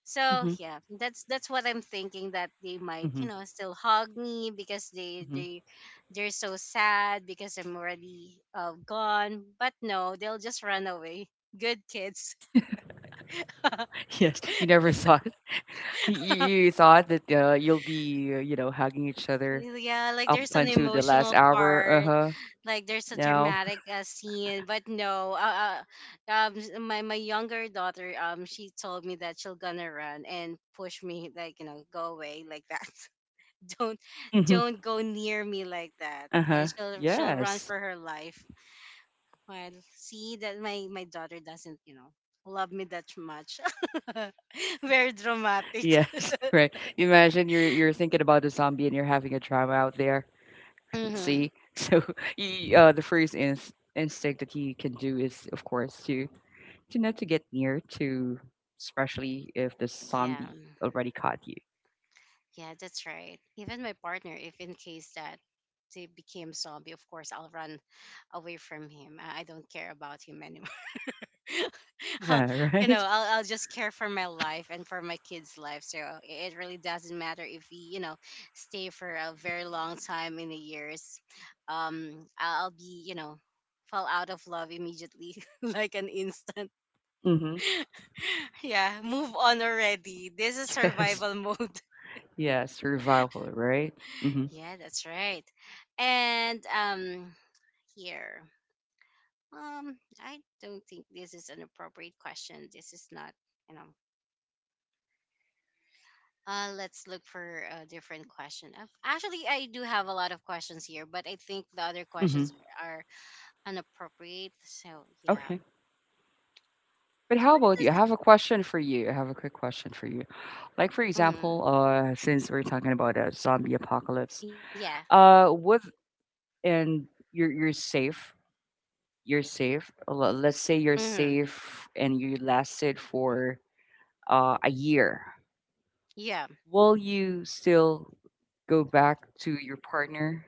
Speaker 1: So
Speaker 2: Mm-hmm.
Speaker 1: yeah, that's what I'm thinking that they might,
Speaker 2: Mm-hmm.
Speaker 1: still hug me because they
Speaker 2: hmm
Speaker 1: they they're so sad because I'm already gone. But no, they'll just run away. Good kids.
Speaker 2: Yes, you never thought you thought that you'll be you know hugging each other
Speaker 1: Yeah, like
Speaker 2: up
Speaker 1: there's an
Speaker 2: until the last
Speaker 1: emotional
Speaker 2: hour,
Speaker 1: part,
Speaker 2: uh-huh.
Speaker 1: like there's a
Speaker 2: Now,
Speaker 1: dramatic scene, but no, my younger daughter, she told me that she'll gonna run and push me, like go away like that. don't
Speaker 2: uh
Speaker 1: don't go near me like that,
Speaker 2: uh-huh.
Speaker 1: and she'll run
Speaker 2: Yes.
Speaker 1: for her life. Well, see that my daughter doesn't, love me that much. Very dramatic.
Speaker 2: Yes, right. Imagine you're thinking about the zombie and you're having a trauma out there.
Speaker 1: Hmm.
Speaker 2: See? So, the first instinct that you can do is, of course, to not to get near to, especially if the
Speaker 1: Yeah,
Speaker 2: zombie already caught you.
Speaker 1: yeah, that's right. Even my partner, if in case that they became zombie, of course I'll run away from him. I don't care about him. I'll,
Speaker 2: Yeah,
Speaker 1: you know,
Speaker 2: right?
Speaker 1: I'll just care for my life and for my kids' life. So it really doesn't matter if we, stay for a very long time in the years. I'll be, fall out of love immediately, like an instant.
Speaker 2: Mm-hmm.
Speaker 1: Yeah, move on already. This is
Speaker 2: Yes.
Speaker 1: survival mode.
Speaker 2: Yes, survival, right? Mm-hmm.
Speaker 1: Yeah, that's right. And here, I don't think this is an appropriate question. This is not, you know. Let's look for a different question. Actually, I do have a lot of questions here, but I think the other questions
Speaker 2: Mm-hmm.
Speaker 1: are inappropriate. So yeah,
Speaker 2: Okay. But how
Speaker 1: what
Speaker 2: about you?
Speaker 1: is
Speaker 2: I
Speaker 1: this?
Speaker 2: have a question for you. I have a quick question for you. Like for
Speaker 1: Mm,
Speaker 2: example, since we're talking about a zombie apocalypse,
Speaker 1: yeah.
Speaker 2: what and you're safe. You're safe. Let's say you're
Speaker 1: Mm,
Speaker 2: safe and you lasted for a year.
Speaker 1: yeah,
Speaker 2: Will you still go back to your partner,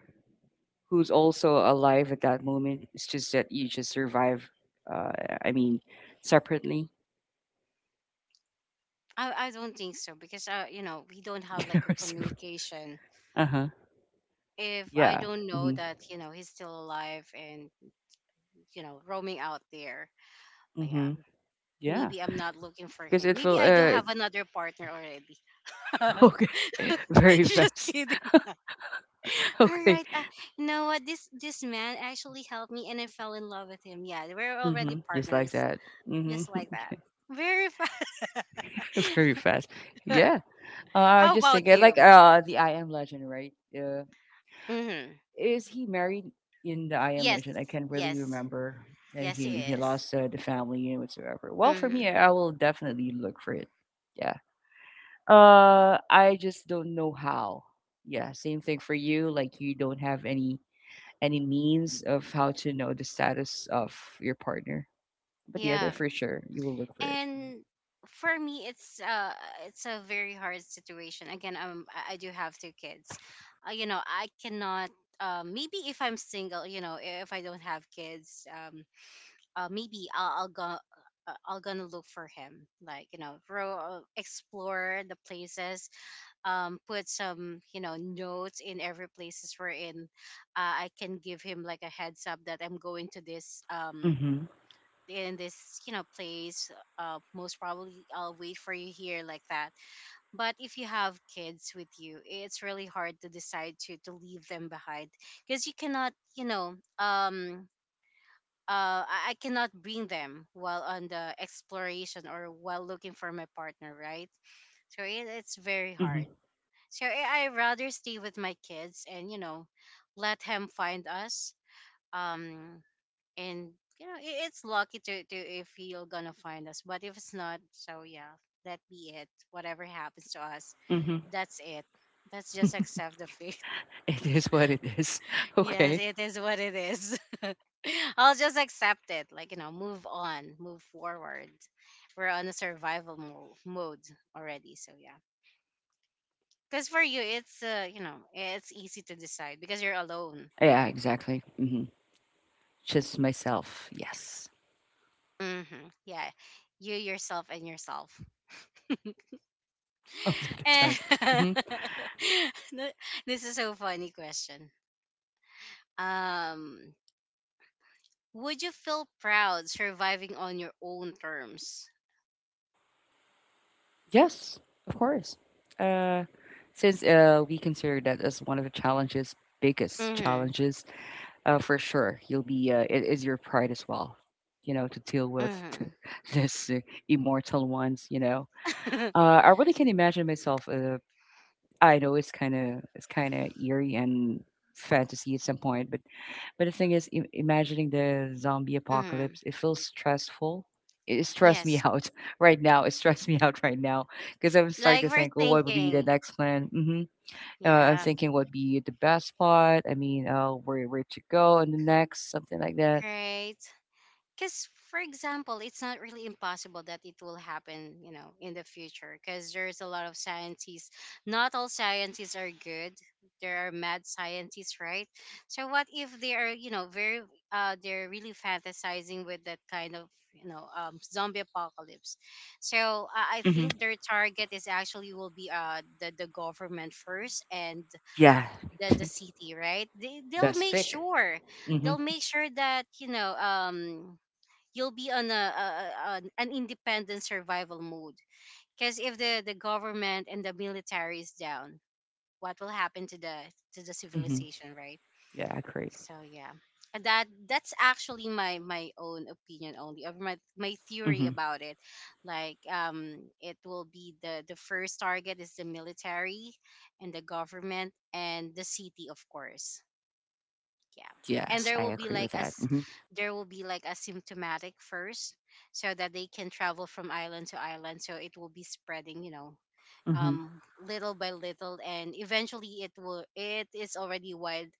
Speaker 2: who's also alive at that moment? It's just that you just survive. Uh, I mean, separately.
Speaker 1: I don't think so because we don't have like a communication.
Speaker 2: Uh huh.
Speaker 1: If I
Speaker 2: Yeah.
Speaker 1: don't know
Speaker 2: Mm-hmm.
Speaker 1: that he's still alive and roaming out there, yeah,
Speaker 2: Mm-hmm. Yeah.
Speaker 1: maybe I'm not looking for
Speaker 2: Because
Speaker 1: him.
Speaker 2: it
Speaker 1: Maybe
Speaker 2: will.
Speaker 1: I do have another partner already.
Speaker 2: Okay. Very
Speaker 1: Just
Speaker 2: fast.
Speaker 1: kidding. All
Speaker 2: Okay.
Speaker 1: right. You know what? This man actually helped me, and I fell in love with him. Yeah, we're already
Speaker 2: Mhm. Just like
Speaker 1: partners,
Speaker 2: that. Mhm.
Speaker 1: just like that. Very fun.
Speaker 2: Very fast. Yeah. I'm
Speaker 1: How
Speaker 2: just
Speaker 1: about
Speaker 2: thinking, like
Speaker 1: you?
Speaker 2: the I Am Legend, right?
Speaker 1: Mm-hmm.
Speaker 2: Is he married in the I Am
Speaker 1: Yes,
Speaker 2: Legend? I can't really
Speaker 1: yes,
Speaker 2: remember that
Speaker 1: yes. He
Speaker 2: he
Speaker 1: is.
Speaker 2: lost the family and whatsoever. Well, for me,
Speaker 1: Mm-hmm.
Speaker 2: I will definitely look for it. Yeah. I just don't know how. Yeah. Same thing for you. Like you don't have any means of how to know the status of your partner. But yeah, the other,
Speaker 1: Yeah,
Speaker 2: for sure, you will look for it.
Speaker 1: and for me, it's a very hard situation. Again, I do have two kids. I cannot. Maybe if I'm single, if I don't have kids, maybe I'll go. I'll gonna look for him, like explore the places, put some notes in every places we're in. I can give him like a heads up that I'm going to this
Speaker 2: Mhm. Mhm,
Speaker 1: in this place. Most probably I'll wait for you here like that. But if you have kids with you, it's really hard to decide to leave them behind because you cannot you know I cannot bring them while on the exploration or while looking for my partner, right? So it's very
Speaker 2: mhm,
Speaker 1: hard. So I rather stay with my kids, and let him find us. Um, and it's lucky to if he'll gonna find us, but if it's not, so yeah, that be it. Whatever happens to us,
Speaker 2: mhm.
Speaker 1: that's it. Let's just accept the fate.
Speaker 2: It is what it is.
Speaker 1: Yes,
Speaker 2: Okay.
Speaker 1: it is what it is. I'll just accept it. Like, move on, move forward. We're on a survival mode already. So, yeah. Because for you, it's easy to decide because you're alone,
Speaker 2: Yeah,
Speaker 1: right?
Speaker 2: exactly. Mhm. Just myself. Yes.
Speaker 1: Mm-hmm. Yeah. You, yourself, and yourself. and
Speaker 2: All of the time. Mhm.
Speaker 1: th- this is so funny question. Um, would you feel proud surviving on your own terms?
Speaker 2: Yes, of course. Uh, since we consider that as one of the challenges, biggest
Speaker 1: Mm-hmm.
Speaker 2: challenges, for sure, you'll be. It is your pride as well, you know, to deal with
Speaker 1: Mm-hmm.
Speaker 2: this immortal ones. You know, I really can imagine myself I know it's kind of eerie and fantasy at some point, but the thing is, imagining the zombie
Speaker 1: Mm-hmm.
Speaker 2: apocalypse, it feels stressful. It stressed me
Speaker 1: Yes.
Speaker 2: out right now. It stressed me out right now because I'm
Speaker 1: Like
Speaker 2: starting to
Speaker 1: we're
Speaker 2: think, well, what would be the
Speaker 1: thinking.
Speaker 2: next plan? I'm
Speaker 1: Yeah.
Speaker 2: thinking what would be the best spot. I mean, where to go in the next something like that.
Speaker 1: Right. Because, for example, it's not really impossible that it will happen, in the future. Because there's a lot of scientists. Not all scientists are good. There are mad scientists, right? So what if they are, very, they're really fantasizing with that kind of, zombie apocalypse. So I
Speaker 2: hmm
Speaker 1: think their target is actually will be the government first and
Speaker 2: Yeah,
Speaker 1: the city, right? they, they'll
Speaker 2: best
Speaker 1: make
Speaker 2: pick.
Speaker 1: sure
Speaker 2: hmm
Speaker 1: they'll make sure that you'll be on a an independent survival mode. Because if the government and the military is down, what will happen to the
Speaker 2: hmm
Speaker 1: civilization, right?
Speaker 2: Yeah, I agree.
Speaker 1: So yeah. And that's actually my own opinion only of my theory
Speaker 2: Hmm.
Speaker 1: about it. Like it will be, the first target is the military, and the government, and the city, of course. Yeah. And
Speaker 2: Yes,
Speaker 1: there
Speaker 2: I
Speaker 1: will be
Speaker 2: agree with
Speaker 1: like,
Speaker 2: that. Hmm.
Speaker 1: a symptomatic first, so that they can travel from island to island. So it will be spreading,
Speaker 2: Hmm.
Speaker 1: little by little. And eventually it is already wide,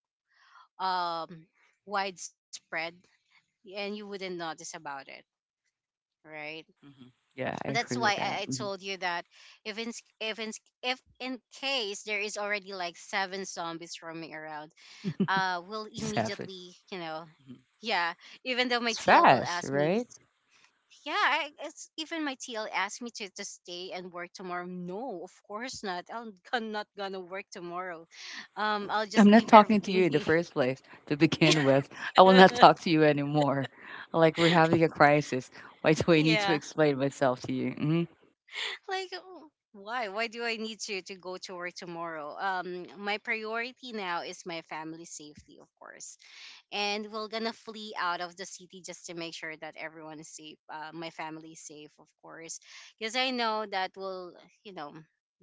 Speaker 1: um widespread. And you wouldn't notice about it, right?
Speaker 2: Mhm. Yeah, I
Speaker 1: That's
Speaker 2: agree
Speaker 1: why
Speaker 2: with
Speaker 1: I,
Speaker 2: that.
Speaker 1: I
Speaker 2: Mhm.
Speaker 1: told you that if in case there is already like seven zombies roaming around. Will
Speaker 2: It's
Speaker 1: immediately. yeah. Even though my
Speaker 2: It's
Speaker 1: TL will
Speaker 2: fast,
Speaker 1: ask me
Speaker 2: right?
Speaker 1: yeah, it's even my TL asked me to stay and work tomorrow. No, of course not. Not gonna work tomorrow. I'll
Speaker 2: I'm
Speaker 1: just
Speaker 2: not
Speaker 1: leave
Speaker 2: talking to
Speaker 1: everything
Speaker 2: you in the
Speaker 1: here.
Speaker 2: first place to
Speaker 1: Yeah.
Speaker 2: begin with. I will not talk to you anymore. Like we're having a crisis. Why do I need to
Speaker 1: Yeah,
Speaker 2: explain myself to you? Hmm.
Speaker 1: like, oh, why do I need to go to work tomorrow? My priority now is my family safety, of course. And we're gonna flee out of the city just to make sure that everyone is safe. My family is safe, of course, because I know that, you know,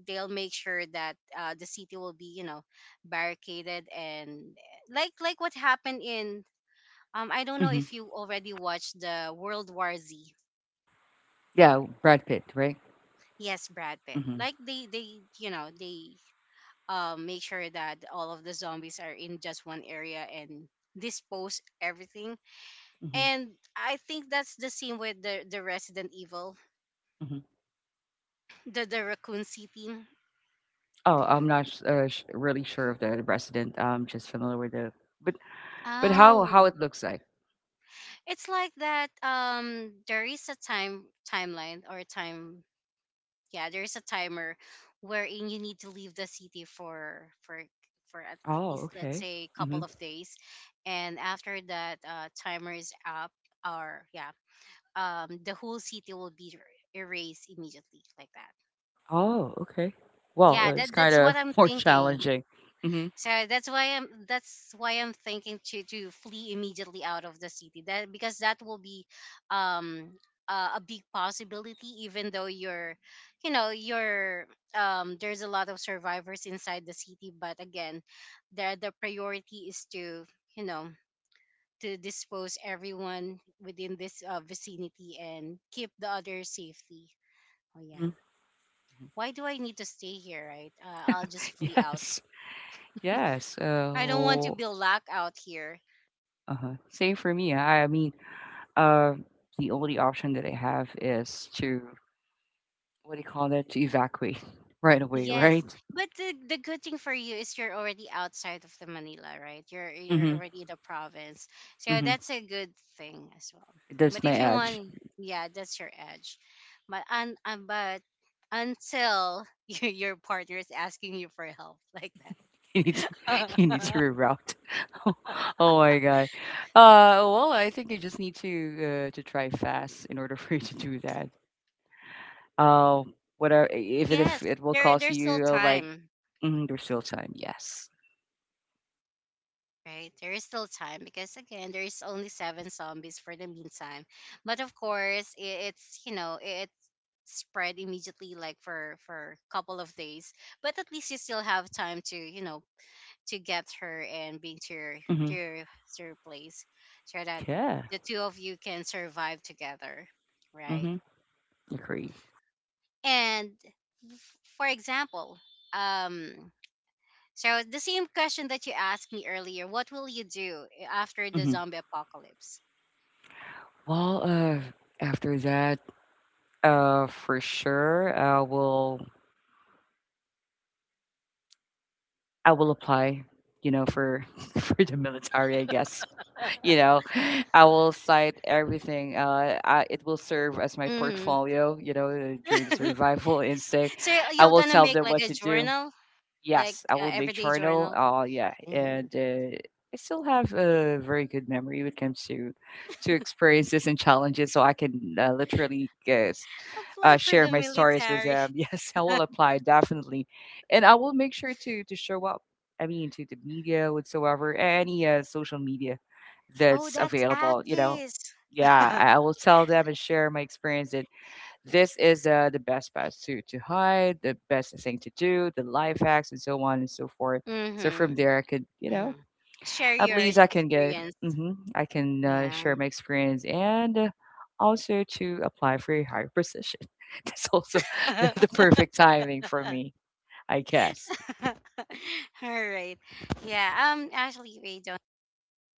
Speaker 1: they'll make sure that the city will be, barricaded, and like what happened in, I don't know
Speaker 2: Hmm.
Speaker 1: if you already watched the World War Z.
Speaker 2: Yeah, Brad Pitt, right?
Speaker 1: Yes, Brad Pitt.
Speaker 2: Hmm.
Speaker 1: Like they you know they make sure that all of the zombies are in just one area and dispose everything.
Speaker 2: Hmm.
Speaker 1: And I think that's the same with the Resident Evil,
Speaker 2: Hmm.
Speaker 1: the Raccoon City.
Speaker 2: Oh, I'm not s- sh- really sure of the resident. I'm just familiar with the but but how
Speaker 1: Oh,
Speaker 2: it looks like.
Speaker 1: it's like that. There is a timeline, or time. Yeah, there is a timer wherein you need to leave the city for at
Speaker 2: Oh,
Speaker 1: least, let's
Speaker 2: okay.
Speaker 1: say, a
Speaker 2: Hmm.
Speaker 1: couple of days, and after that, timer is up, or yeah, the whole city will be erased immediately like that.
Speaker 2: Oh, okay. Well,
Speaker 1: Yeah, that
Speaker 2: it's kind
Speaker 1: that's
Speaker 2: of
Speaker 1: what I'm
Speaker 2: more
Speaker 1: thinking.
Speaker 2: challenging. Hmm.
Speaker 1: So that's why I'm thinking to flee immediately out of the city. That because that will be um a big possibility, even though you're you know you're there's a lot of survivors inside the city. But again, the priority is to you know to dispose everyone within this vicinity and keep the others safely. Oh yeah. Why do I need to stay here, right? I'll just flee out.
Speaker 2: Yes, yes.
Speaker 1: I don't want to
Speaker 2: So,
Speaker 1: be locked out here.
Speaker 2: uh-huh. Same for me. I mean, uh, the only option that I have is to, what do you call that? To evacuate right away,
Speaker 1: Yes,
Speaker 2: right?
Speaker 1: but the good thing for you is you're already outside of the Manila, right? You're
Speaker 2: Mm-hmm.
Speaker 1: already in the province, so
Speaker 2: Mm-hmm.
Speaker 1: that's a good thing as well. But
Speaker 2: That's my
Speaker 1: if you
Speaker 2: edge.
Speaker 1: want, yeah, that's your edge. But until your partner is asking you for help like
Speaker 2: You need to, you need to
Speaker 1: that,
Speaker 2: reroute. Oh, my God. Well, I think you just need to try fast in order for you to do that. Uh. Whatever, if it if
Speaker 1: yes,
Speaker 2: it will
Speaker 1: there
Speaker 2: cost
Speaker 1: there's still
Speaker 2: you like,
Speaker 1: time.
Speaker 2: mm, there's still time. Yes.
Speaker 1: Right? There is still time because again, there is only seven zombies for the meantime. But of course, it's you know it spread immediately, like for a couple of days. But at least you still have time to you know to get her and bring to your,
Speaker 2: Mm-hmm.
Speaker 1: to your, to your place, so that
Speaker 2: Yeah.
Speaker 1: the two of you can survive together, right?
Speaker 2: Mm-hmm. Agreed.
Speaker 1: And for example, um. So, the same question that you asked me earlier, what will you do after the
Speaker 2: Mhm.
Speaker 1: zombie apocalypse?
Speaker 2: Well, after that, for sure, I will apply, you know, for for the military, I guess. You know, I will cite everything. It will serve as my
Speaker 1: Mm-hmm.
Speaker 2: portfolio, you know, during the survival instinct.
Speaker 1: So
Speaker 2: I
Speaker 1: you're
Speaker 2: will
Speaker 1: gonna
Speaker 2: tell
Speaker 1: make
Speaker 2: them
Speaker 1: like
Speaker 2: what
Speaker 1: a
Speaker 2: to do.
Speaker 1: journal, like
Speaker 2: Yes, I will make
Speaker 1: everyday
Speaker 2: journal.
Speaker 1: journal.
Speaker 2: Yeah,
Speaker 1: Mm-hmm.
Speaker 2: and I still have a very good memory when it comes to experiences and challenges. So I can literally guess,
Speaker 1: Apply for
Speaker 2: share
Speaker 1: the
Speaker 2: my stories with
Speaker 1: military.
Speaker 2: them. Yes, I will apply definitely, and I will make sure to show up. I mean, to the media whatsoever, any social media
Speaker 1: Oh,
Speaker 2: that's
Speaker 1: that's
Speaker 2: available. You know,
Speaker 1: Akis.
Speaker 2: yeah, I will tell them and share my experience. This is the best spot to hide, the best thing to do, the life hacks, and so on and so forth. So from
Speaker 1: Mm-hmm.
Speaker 2: there, I could, you
Speaker 1: hmm
Speaker 2: know,
Speaker 1: Share
Speaker 2: at
Speaker 1: your
Speaker 2: least I can get,
Speaker 1: experience.
Speaker 2: hmm, I can
Speaker 1: Yeah.
Speaker 2: share my experience and also to apply for a higher position. That's also the perfect timing for me, I guess.
Speaker 1: All right. Yeah. Actually, we don't.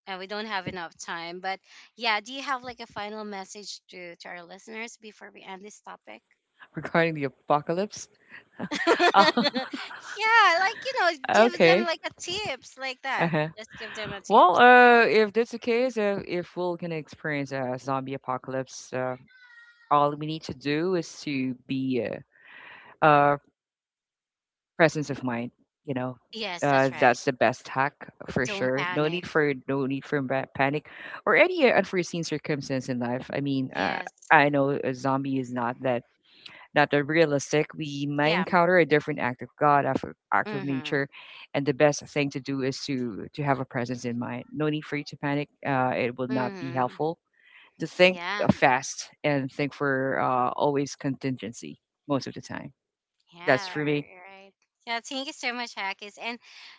Speaker 1: We don't have enough time, but yeah, do you have like a final message to our listeners before we end this topic?
Speaker 2: Regarding the apocalypse, uh,
Speaker 1: Yeah, like, give them
Speaker 2: okay.
Speaker 1: like a tips like that.
Speaker 2: Uh-huh.
Speaker 1: Just give them a
Speaker 2: Well,
Speaker 1: tips.
Speaker 2: if that's the case, if we're gonna experience a zombie apocalypse, all we need to do is to be uh, uh presence of mind, you know,
Speaker 1: Yes, that's right.
Speaker 2: that's the best hack for
Speaker 1: Don't
Speaker 2: sure.
Speaker 1: panic.
Speaker 2: No need for panic or any unforeseen circumstance in life. I mean,
Speaker 1: Yes.
Speaker 2: I know a zombie is not that realistic. We might
Speaker 1: Yeah.
Speaker 2: encounter a different act of God, act of
Speaker 1: Mhm.
Speaker 2: nature, and the best thing to do is to have a presence in mind. No need for you to panic. It will not be
Speaker 1: Mhm.
Speaker 2: helpful to think
Speaker 1: Yeah.
Speaker 2: fast and think for always contingency most of the time. That's
Speaker 1: Yeah,
Speaker 2: for me.
Speaker 1: right. Yeah, thank you so much, Hakis. And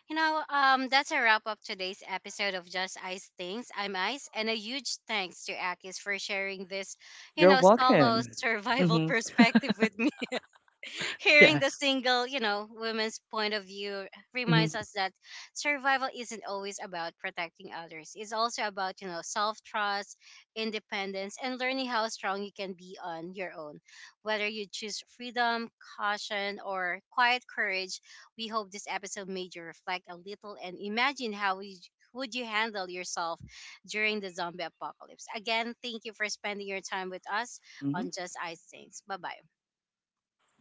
Speaker 1: that's a wrap up today's episode of Just Ice Things. I'm Ice, and a huge thanks to Akis for sharing this,
Speaker 2: You're
Speaker 1: solo
Speaker 2: welcome.
Speaker 1: survival
Speaker 2: Hmm.
Speaker 1: perspective with me. Hearing the
Speaker 2: Yes.
Speaker 1: single, woman's point of view reminds
Speaker 2: Hmm.
Speaker 1: us that survival isn't always about protecting others. It's also about, self trust, independence, and learning how strong you can be on your own. Whether you choose freedom, caution, or quiet courage, we hope this episode made you reflect a little and imagine how we would you handle yourself during the zombie apocalypse. Again, thank you for spending your time with us
Speaker 2: Hmm.
Speaker 1: on Just Ice Things. Bye bye.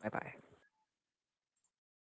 Speaker 2: Bye bye.